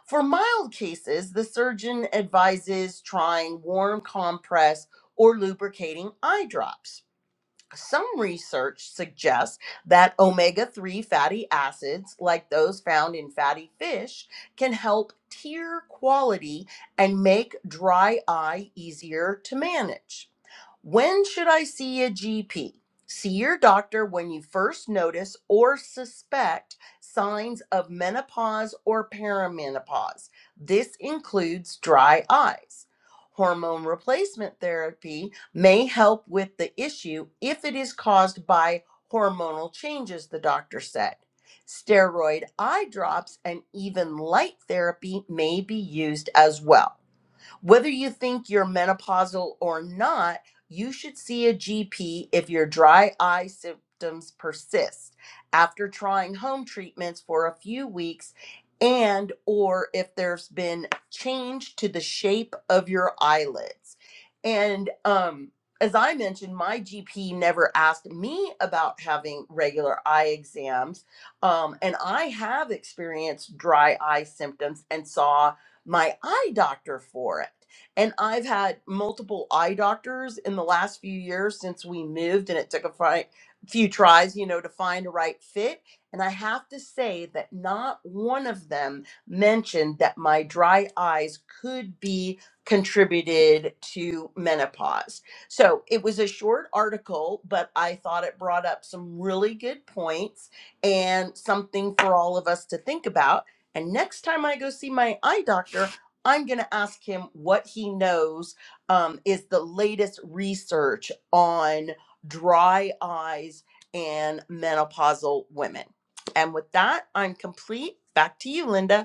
Speaker 5: For mild cases, the surgeon advises trying warm compress or lubricating eye drops. Some research suggests that omega 3 fatty acids, like those found in fatty fish, can help tear quality and make dry eye easier to manage. When should I see a GP? See your doctor when you first notice or suspect signs of menopause or perimenopause. This includes dry eyes. Hormone replacement therapy may help with the issue if it is caused by hormonal changes, the doctor said. Steroid eye drops and even light therapy may be used as well. Whether you think you're menopausal or not, you should see a GP if your dry eye symptoms persist after trying home treatments for a few weeks and or if there's been change to the shape of your eyelids. And um as I mentioned, my GP never asked me about having regular eye exams. Um, and I have experienced dry eye symptoms and saw my eye doctor for it. And I've had multiple eye doctors in the last few years since we moved, and it took a fi- few tries, you know, to find the right fit. And I have to say that not one of them mentioned that my dry eyes could be contributed to menopause. So it was a short article, but I thought it brought up some really good points and something for all of us to think about and next time I go see my eye doctor, I'm going to ask him what he knows um, is the latest research on dry eyes and menopausal women. And with that, I'm complete. Back to you, Linda.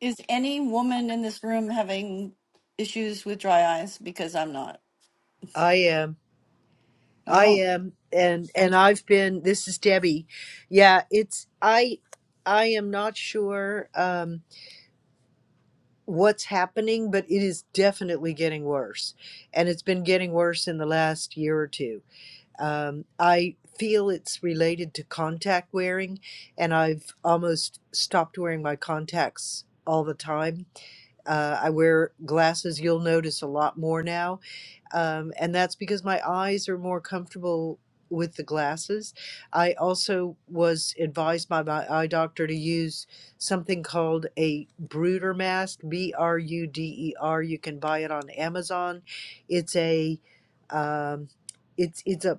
Speaker 2: Is any woman in this room having issues with dry eyes? Because I'm not.
Speaker 4: I am. I
Speaker 2: Oh,
Speaker 4: am and and I've been this is Debbie. Yeah, it's I I am not sure um what's happening, but it is definitely getting worse. And it's been getting worse in the last year or two. Um I feel it's related to contact wearing and I've almost stopped wearing my contacts all the time. Uh, I wear glasses, you'll notice a lot more now um, and that's because my eyes are more comfortable with the glasses. I also was advised by my eye doctor to use something called a Bruder mask, B R U D E R. You can buy it on Amazon. It's a um, it's it's a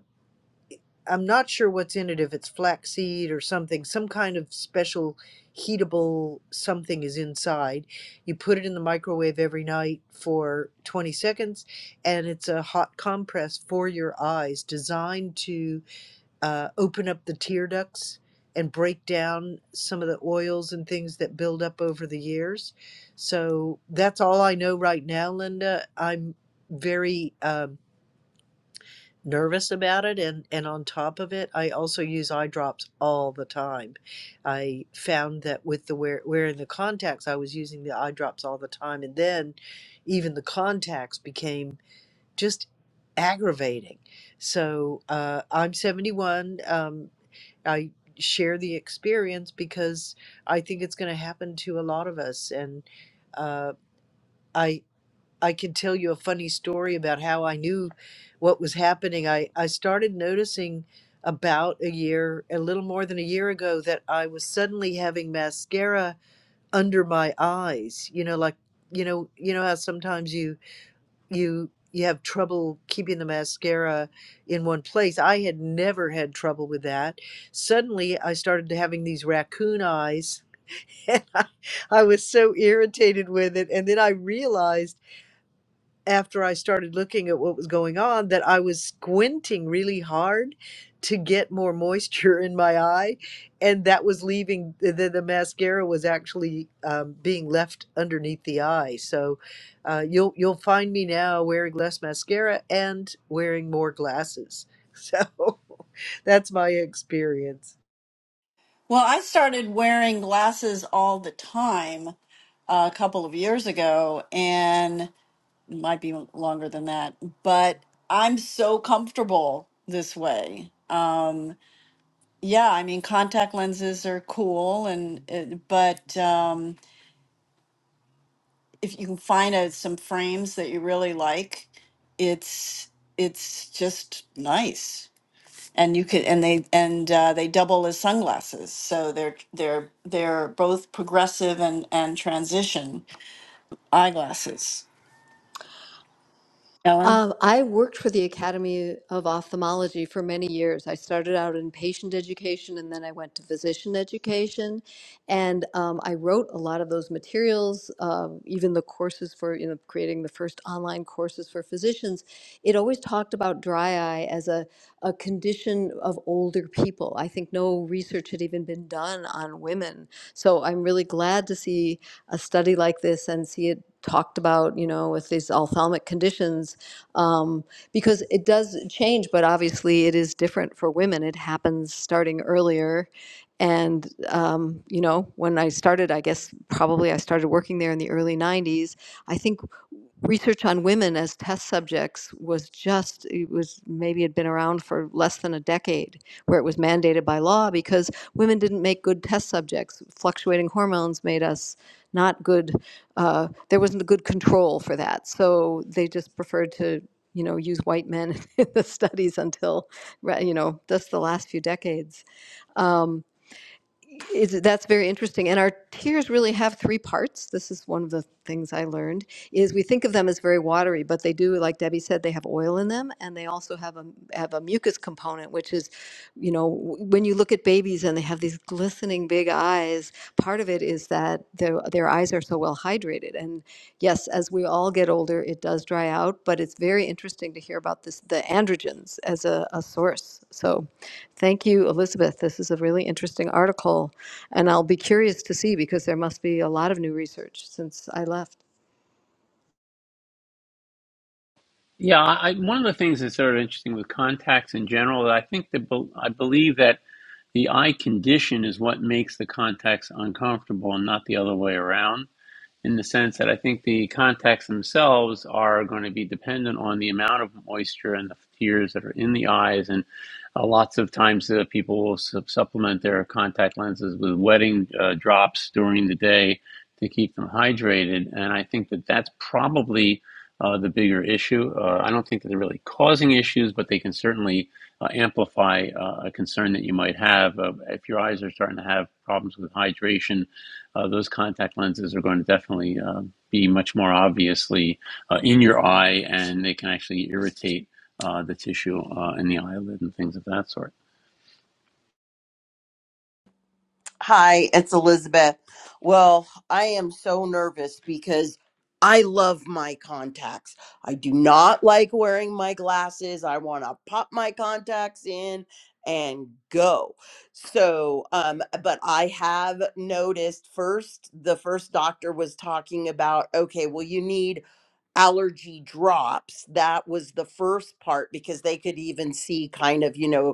Speaker 4: I'm not sure what's in it, if it's flaxseed or something, some kind of special heatable something is inside. You put it in the microwave every night for 20 seconds, and it's a hot compress for your eyes designed to uh, open up the tear ducts and break down some of the oils and things that build up over the years. So that's all I know right now, Linda. I'm very. Um, nervous about it and and on top of it i also use eye drops all the time i found that with the wear, wearing the contacts i was using the eye drops all the time and then even the contacts became just aggravating so uh, i'm 71 um, i share the experience because i think it's going to happen to a lot of us and uh, I I can tell you a funny story about how I knew what was happening. I, I started noticing about a year, a little more than a year ago, that I was suddenly having mascara under my eyes. You know, like you know, you know how sometimes you you you have trouble keeping the mascara in one place. I had never had trouble with that. Suddenly, I started having these raccoon eyes, and I, I was so irritated with it. And then I realized after I started looking at what was going on that I was squinting really hard to get more moisture in my eye. And that was leaving, the, the mascara was actually um, being left underneath the eye. So uh, you'll, you'll find me now wearing less mascara and wearing more glasses. So that's my experience.
Speaker 2: well, I started wearing glasses all the time uh, a couple of years ago, and it might be longer than that, but I'm so comfortable this way. Um, Yeah, I mean, contact lenses are cool and it, but um, if you can find a, some frames that you really like, it's it's just nice. And you could and they and uh, they double as sunglasses. So they're they're they're both progressive and and transition eyeglasses. Ellen?
Speaker 3: Um, I worked for the Academy of Ophthalmology for many years. I started out in patient education and then I went to physician education. And um, I wrote a lot of those materials, um, even the courses for, you know, creating the first online courses for physicians. It always talked about dry eye as a, a condition of older people. I think no research had even been done on women. So I'm really glad to see a study like this and see it talked about, you know, with these ophthalmic conditions um, because it does change, but obviously it is different for women. It happens starting earlier. And, um, you know, when I started, I guess probably I started working there in the early 90s. I think research on women as test subjects was just, it was maybe had been around for less than a decade where it was mandated by law because women didn't make good test subjects. Fluctuating hormones made us not good uh, there wasn't a good control for that. So they just preferred to, you know, use white men in the studies until, right, you know, just the last few decades. Um, is, that's very interesting. And our tiers really have three parts. This is one of the things I learned is we think of them as very watery, but they do, like Debbie said, they have oil in them, and they also have a have a mucus component, which is, you know, w- when you look at babies and they have these glistening big eyes, part of it is that their their eyes are so well hydrated. And yes, as we all get older, it does dry out, but it's very interesting to hear about this the androgens as a, a source. So, thank you, Elizabeth. This is a really interesting article, and I'll be curious to see because there must be a lot of new research since I left.
Speaker 1: Yeah, I, one of the things that's sort of interesting with contacts in general, that I think that bel I believe that the eye condition is what makes the contacts uncomfortable and not the other way around in the sense that I think the contacts themselves are going to be dependent on the amount of moisture and the tears that are in the eyes. And uh, lots of times uh, people will sup- supplement their contact lenses with wetting uh, drops during the day to keep them hydrated. And I think that that's probably uh, the bigger issue. Uh, I don't think that they're really causing issues, but they can certainly uh, amplify uh, a concern that you might have uh, if your eyes are starting to have problems with hydration uh, those contact lenses are going to definitely uh, be much more obviously uh, in your eye, and they can actually irritate uh, the tissue uh, in the eyelid and things of that sort.
Speaker 5: Hi, it's Elizabeth. Well, I am so nervous because I love my contacts. I do not like wearing my glasses. I want to pop my contacts in and go. So, um but I have noticed first the first doctor was talking about okay, well you need allergy drops. That was the first part because they could even see kind of, you know,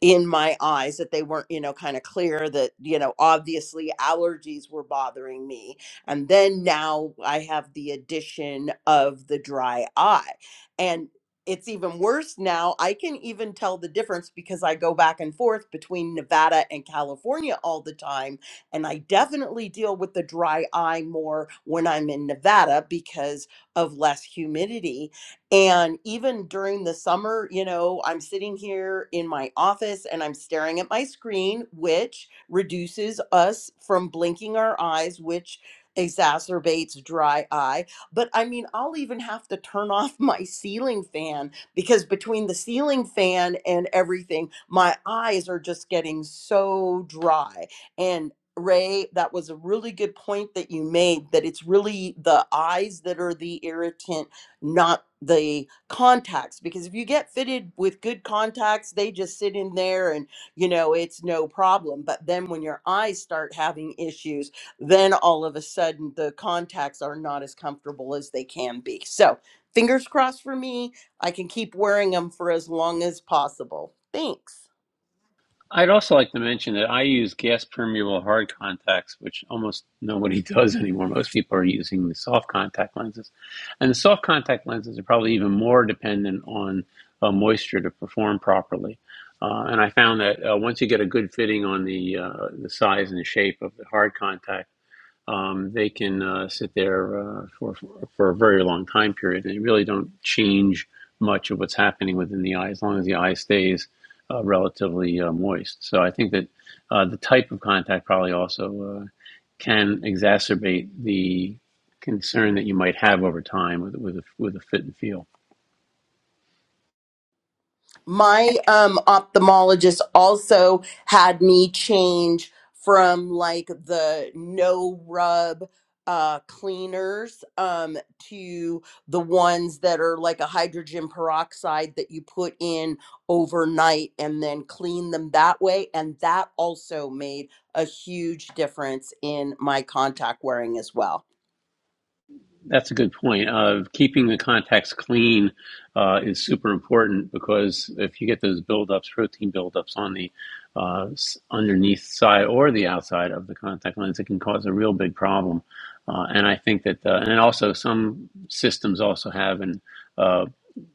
Speaker 5: in my eyes that they weren't you know kind of clear that you know obviously allergies were bothering me and then now i have the addition of the dry eye and it's even worse now i can even tell the difference because i go back and forth between nevada and california all the time and i definitely deal with the dry eye more when i'm in nevada because of less humidity and even during the summer, you know, I'm sitting here in my office and I'm staring at my screen, which reduces us from blinking our eyes, which exacerbates dry eye. But I mean, I'll even have to turn off my ceiling fan because between the ceiling fan and everything, my eyes are just getting so dry. And Ray, that was a really good point that you made that it's really the eyes that are the irritant not the contacts because if you get fitted with good contacts they just sit in there and you know it's no problem but then when your eyes start having issues then all of a sudden the contacts are not as comfortable as they can be so fingers crossed for me i can keep wearing them for as long as possible thanks
Speaker 1: I'd also like to mention that I use gas permeable hard contacts, which almost nobody does anymore. Most people are using the soft contact lenses. And the soft contact lenses are probably even more dependent on uh, moisture to perform properly. Uh, and I found that uh, once you get a good fitting on the uh, the size and the shape of the hard contact, um, they can uh, sit there uh, for, for a very long time period. And they really don't change much of what's happening within the eye as long as the eye stays uh, relatively uh, moist. So I think that uh, the type of contact probably also uh, can exacerbate the concern that you might have over time with, with, a, with a fit and feel.
Speaker 5: my um ophthalmologist also had me change from like the no rub uh cleaners um to the ones that are like a hydrogen peroxide that you put in overnight and then clean them that way and that also made a huge difference in my contact wearing as well
Speaker 1: That's a good point. Of uh, keeping the contacts clean uh, is super important because if you get those buildups, protein buildups on the uh, underneath side or the outside of the contact lens, it can cause a real big problem. Uh, and I think that, uh, and also some systems also have an uh,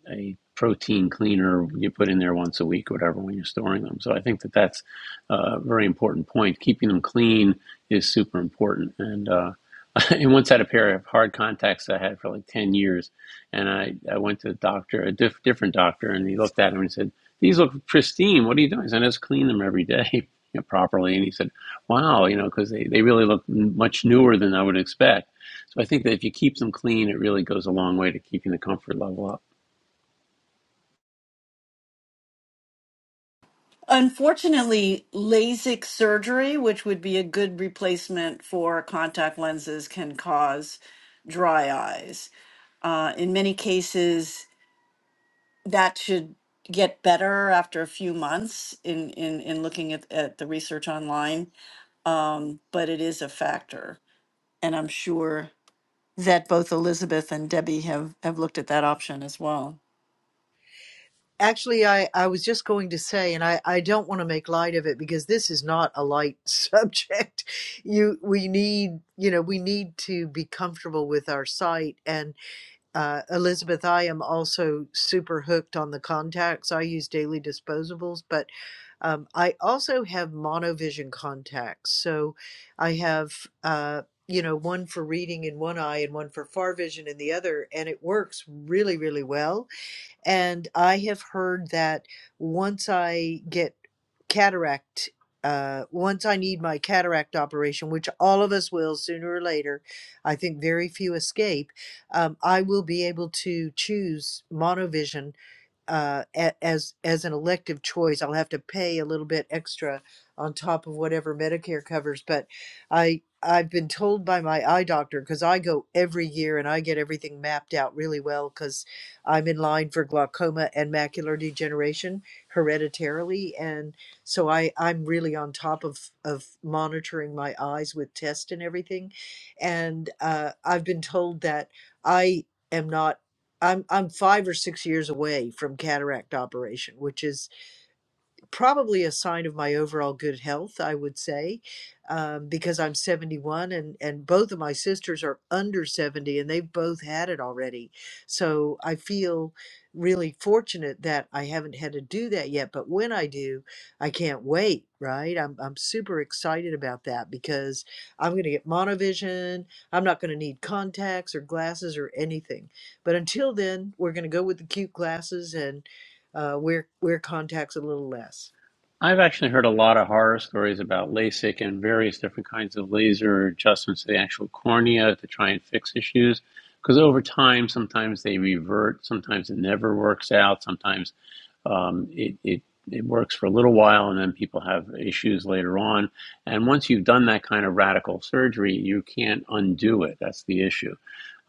Speaker 1: a protein cleaner you put in there once a week or whatever when you're storing them. So I think that that's a very important point. Keeping them clean is super important. And uh, I once had a pair of hard contacts I had for like 10 years. And I, I went to a doctor, a diff- different doctor, and he looked at them and said, These look pristine. What are you doing? I said, I just clean them every day. you know, properly and he said wow you know because they, they really look much newer than i would expect so i think that if you keep them clean it really goes a long way to keeping the comfort level up
Speaker 2: Unfortunately, LASIK surgery, which would be a good replacement for contact lenses, can cause dry eyes. Uh, in many cases, that should get better after a few months in, in, in looking at, at the research online, um, but it is a factor. And I'm sure that both Elizabeth and Debbie have, have looked at that option as well.
Speaker 4: Actually, I, I was just going to say, and I, I don't want to make light of it because this is not a light subject. You we need you know we need to be comfortable with our sight. And uh, Elizabeth, I am also super hooked on the contacts. I use daily disposables, but um, I also have monovision contacts. So I have uh, you know one for reading in one eye and one for far vision in the other, and it works really really well and I have heard that once I get cataract, uh, once I need my cataract operation, which all of us will sooner or later, I think very few escape, um, I will be able to choose monovision uh, a- as as an elective choice. I'll have to pay a little bit extra on top of whatever Medicare covers, but I I've been told by my eye doctor because I go every year and I get everything mapped out really well because I'm in line for glaucoma and macular degeneration hereditarily, and so I I'm really on top of of monitoring my eyes with tests and everything, and uh, I've been told that I am not. I'm I'm five or six years away from cataract operation, which is probably a sign of my overall good health, I would say, um, because I'm 71 and, and both of my sisters are under 70 and they've both had it already. So I feel really fortunate that I haven't had to do that yet. But when I do, I can't wait, right? I'm, I'm super excited about that because I'm going to get monovision. I'm not going to need contacts or glasses or anything. But until then, we're going to go with the cute glasses and uh, wear, wear contacts a little less.
Speaker 1: I've actually heard a lot of horror stories about LASIK and various different kinds of laser adjustments to the actual cornea to try and fix issues. Because over time, sometimes they revert, sometimes it never works out, sometimes um, it, it it works for a little while and then people have issues later on and once you've done that kind of radical surgery you can't undo it that's the issue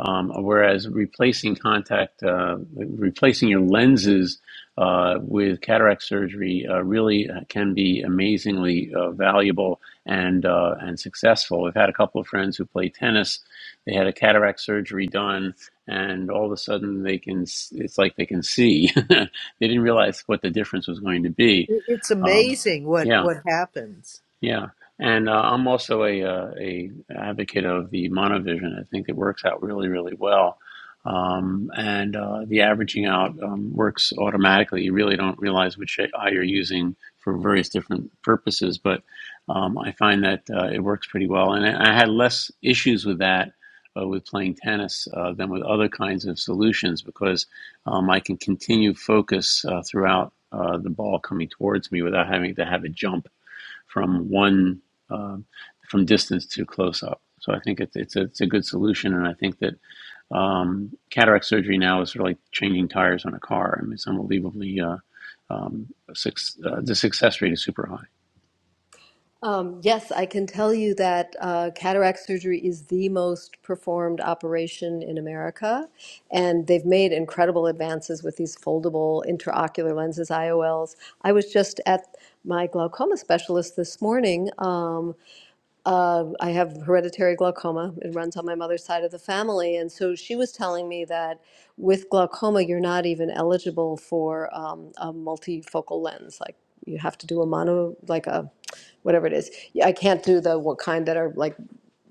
Speaker 1: um, whereas replacing contact uh, replacing your lenses uh, with cataract surgery uh, really uh, can be amazingly uh, valuable and uh, and successful. We've had a couple of friends who play tennis. They had a cataract surgery done, and all of a sudden they can. It's like they can see. they didn't realize what the difference was going to be.
Speaker 4: It- It's
Speaker 1: Um,
Speaker 4: amazing what
Speaker 1: yeah.
Speaker 4: what happens.
Speaker 1: Yeah, and uh, I'm also a, uh, a advocate of the monovision. I think it works out really, really well, um, and uh, the averaging out um, works automatically. You really don't realize which eye you're using for various different purposes, but um, I find that uh, it works pretty well. And I I had less issues with that uh, with playing tennis uh, than with other kinds of solutions because um, I can continue focus uh, throughout uh, the ball coming towards me without having to have a jump from one um, from distance to close up. So I think it's it's a, it's a good solution, and I think that um, cataract surgery now is sort of like changing tires on a car. I mean, it's unbelievably uh, um, suc uh, the success rate is super high.
Speaker 3: Um, yes, I can tell you that uh, cataract surgery is the most performed operation in America, and they've made incredible advances with these foldable intraocular lenses, IOLs. I was just at my glaucoma specialist this morning, um, uh, I have hereditary glaucoma. It runs on my mother's side of the family. And so she was telling me that with glaucoma, you're not even eligible for um, a multifocal lens. Like you have to do a mono, like a whatever it is. Yeah, I can't do the what kind that are like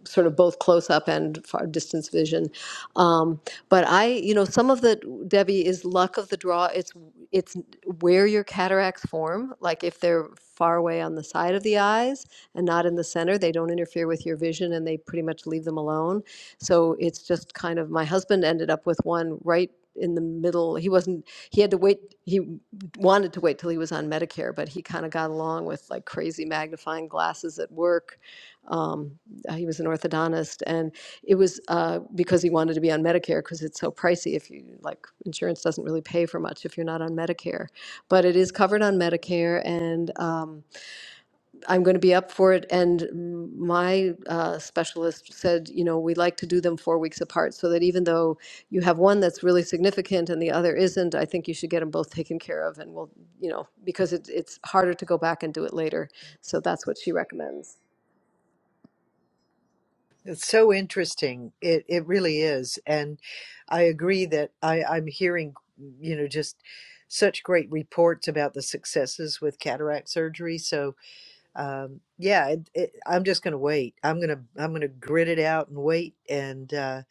Speaker 3: sort of both close up and far distance vision. Um, but I, you know, some of the Debbie is luck of the draw. It's it's where your cataracts form. Like if they're far away on the side of the eyes and not in the center, they don't interfere with your vision and they pretty much leave them alone. So it's just kind of my husband ended up with one right in the middle. He wasn't he had to wait he wanted to wait till he was on Medicare, but he kind of got along with like crazy magnifying glasses at work Um, uh, he was an orthodontist, and it was uh, because he wanted to be on Medicare because it's so pricey. If you like, insurance doesn't really pay for much if you're not on Medicare, but it is covered on Medicare, and um, I'm going to be up for it. And my uh, specialist said, you know, we like to do them four weeks apart so that even though you have one that's really significant and the other isn't, I think you should get them both taken care of, and we'll, you know, because it, it's harder to go back and do it later. So that's what she recommends.
Speaker 4: It's so interesting. It it really is, and I agree that I I'm hearing, you know, just such great reports about the successes with cataract surgery. So um, yeah, it, it, I'm just going to wait. I'm gonna I'm gonna grit it out and wait and uh,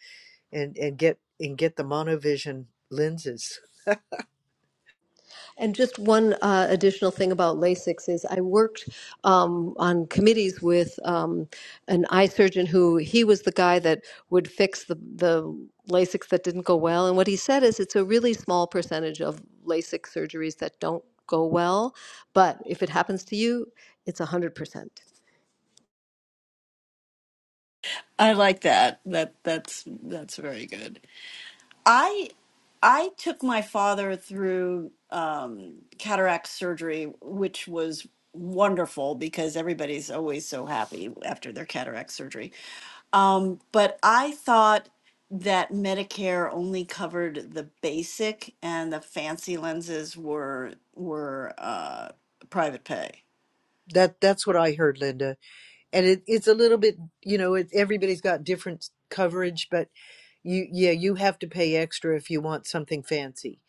Speaker 4: and and get and get the monovision lenses.
Speaker 3: And just one uh, additional thing about LASIX is I worked um, on committees with um, an eye surgeon who he was the guy that would fix the, the LASIX that didn't go well. And what he said is it's a really small percentage of LASIX surgeries that don't go well, but if it happens to you, it's 100%.
Speaker 2: I like that. That that's that's very good. I I took my father through um, cataract surgery, which was wonderful because everybody's always so happy after their cataract surgery. Um, but I thought that Medicare only covered the basic and the fancy lenses were were uh, private pay.
Speaker 4: That that's what I heard, Linda. And it, it's a little bit, you know, it, everybody's got different coverage, but You yeah, you have to pay extra if you want something fancy.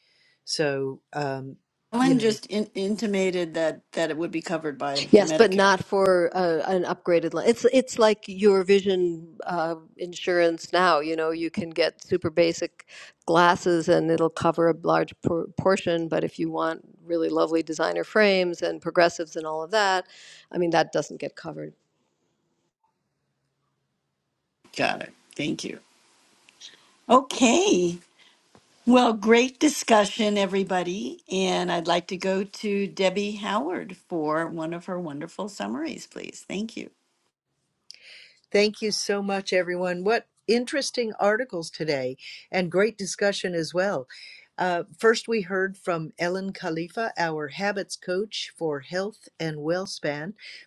Speaker 4: So um, you
Speaker 2: Ellen
Speaker 4: know.
Speaker 2: just in- intimated that that it would be covered by
Speaker 3: Yes, but
Speaker 2: Medicare.
Speaker 3: not for uh, an upgraded line. It's it's like your vision uh, insurance now. You know, you can get super basic glasses and it'll cover a large por- portion. But if you want really lovely designer frames and progressives and all of that, I mean, that doesn't get covered.
Speaker 2: Got it. Thank you. Okay. Well, great discussion, everybody. And I'd like to go to Debbie Howard for one of her wonderful summaries, please. Thank you.
Speaker 4: Thank you so much, everyone. What interesting articles today and great discussion as well. Uh, first, we heard from Ellen Khalifa, our habits coach for health and WellSpan,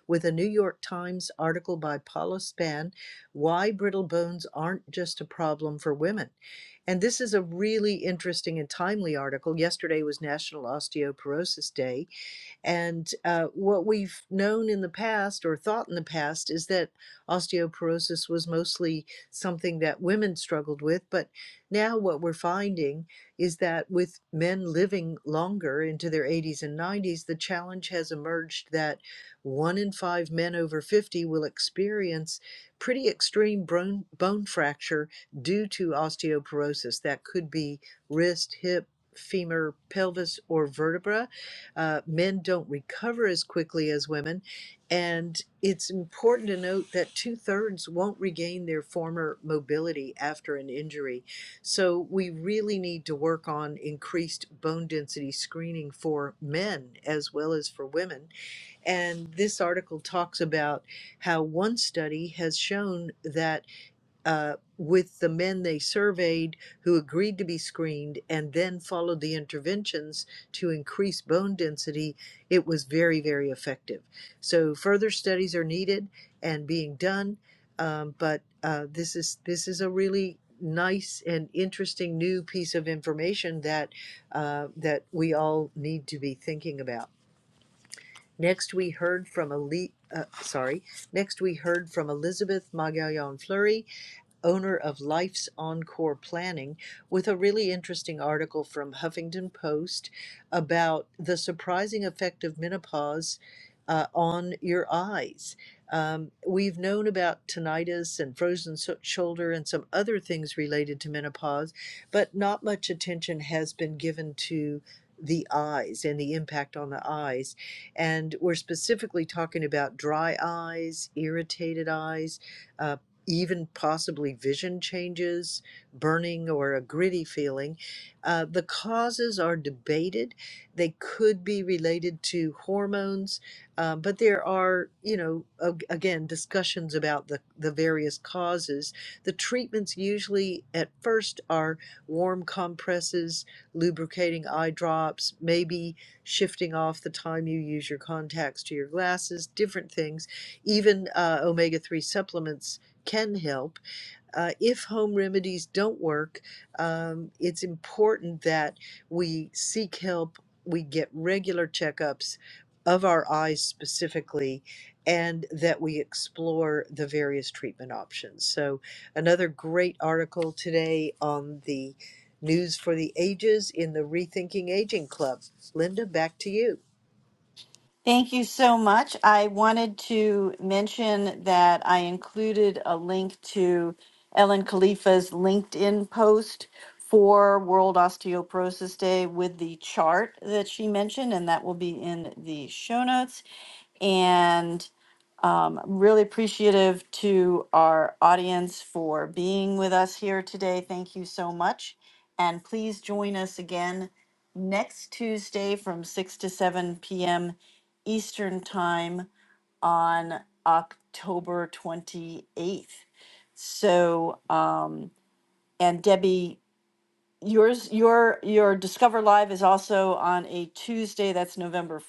Speaker 4: with a New York Times article by Paula Span Why Brittle Bones Aren't Just a Problem for Women. And this is a really interesting and timely article. Yesterday was National Osteoporosis Day, and uh, what we've known in the past or thought in the past is that osteoporosis was mostly something that women struggled with. But now what we're finding is that with men living longer into their 80s and 90s, the challenge has emerged that one in five men over 50 will experience pretty extreme bone, bone fracture due to osteoporosis. That could be wrist, hip, femur, pelvis, or vertebra uh, men don't recover as quickly as women. And it's important to note that two thirds won't regain their former mobility after an injury. So we really need to work on increased bone density screening for men as well as for women. And this article talks about how one study has shown that uh, with the men they surveyed who agreed to be screened and then followed the interventions to increase bone density, it was very, very effective. So further studies are needed and being done, um, but uh, this is this is a really nice and interesting new piece of information that uh, that we all need to be thinking about. Next, we heard from Ali. Uh, sorry. Next, we heard from Elizabeth Magallon Fleury, owner of Life's Encore Planning, with a really interesting article from Huffington Post about the surprising effect of menopause uh, on your eyes. Um, we've known about tinnitus and frozen so- shoulder and some other things related to menopause, but not much attention has been given to the eyes and the impact on the eyes. And we're specifically talking about dry eyes, irritated eyes, uh, even possibly vision changes, burning, or a gritty feeling. Uh, the causes are debated. They could be related to hormones, uh, but there are, you know, ag- again, discussions about the, the various causes. The treatments usually at first are warm compresses, lubricating eye drops, maybe shifting off the time you use your contacts to your glasses, different things. Even uh, omega 3 supplements can help. Uh, if home remedies don't work, um, it's important that we seek help. We get regular checkups of our eyes specifically, and that we explore the various treatment options. So, another great article today on the News for the Ages in the Rethinking Aging Club. Linda, back to you.
Speaker 2: Thank you so much. I wanted to mention that I included a link to Ellen Khalifa's LinkedIn post for World Osteoporosis Day with the chart that she mentioned, and that will be in the show notes. And um, really appreciative to our audience for being with us here today. Thank you so much. And please join us again next Tuesday from 6 to 7 p.m. Eastern Time on October 28th. So, um, and Debbie, yours, your, your Discover Live is also on a Tuesday. That's November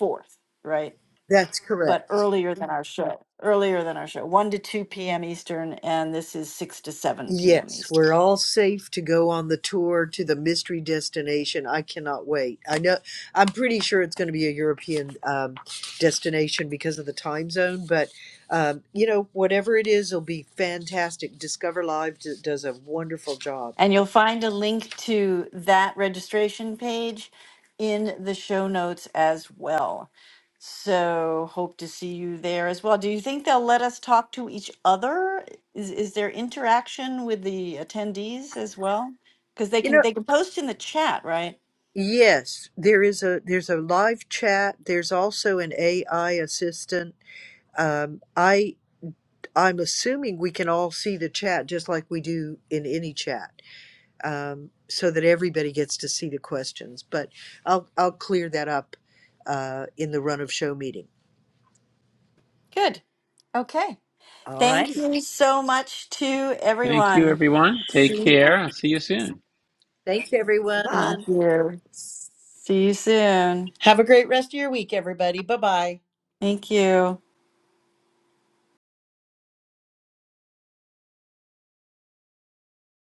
Speaker 2: 4th, right?
Speaker 4: That's
Speaker 2: But
Speaker 4: correct.
Speaker 2: earlier than our show, earlier than our show, 1 to 2 p.m. Eastern, and this is 6 to 7 p.m.
Speaker 4: Yes,
Speaker 2: Eastern.
Speaker 4: we're all safe to go on the tour to the mystery destination. I cannot wait. I know I'm pretty sure it's going to be a European um, destination because of the time zone, but um, you know, whatever it is, it'll be fantastic. Discover Live d- does a wonderful job.
Speaker 2: And you'll find a link to that registration page in the show notes as well. So hope to see you there as well. Do you think they'll let us talk to each other? Is is there interaction with the attendees as well? Because they
Speaker 4: You
Speaker 2: can
Speaker 4: know,
Speaker 2: they can post in the chat, right?
Speaker 4: yes, there is a there's a live chat. There's also an AI assistant. Um, I I'm assuming we can all see the chat just like we do in any chat. um, so that everybody gets to see the questions. But I'll, I'll clear that up uh, in the run of show meeting.
Speaker 2: Good. Okay.
Speaker 4: All
Speaker 2: Thank
Speaker 4: right.
Speaker 2: you so much to
Speaker 1: Thank you,
Speaker 2: everyone.
Speaker 1: everyone. Take
Speaker 2: See,
Speaker 1: care. I'll see you soon.
Speaker 4: Thanks,
Speaker 2: thank
Speaker 4: everyone.
Speaker 2: you. See you soon.
Speaker 5: Have a great rest of your week, everybody. Bye bye.
Speaker 2: Thank you.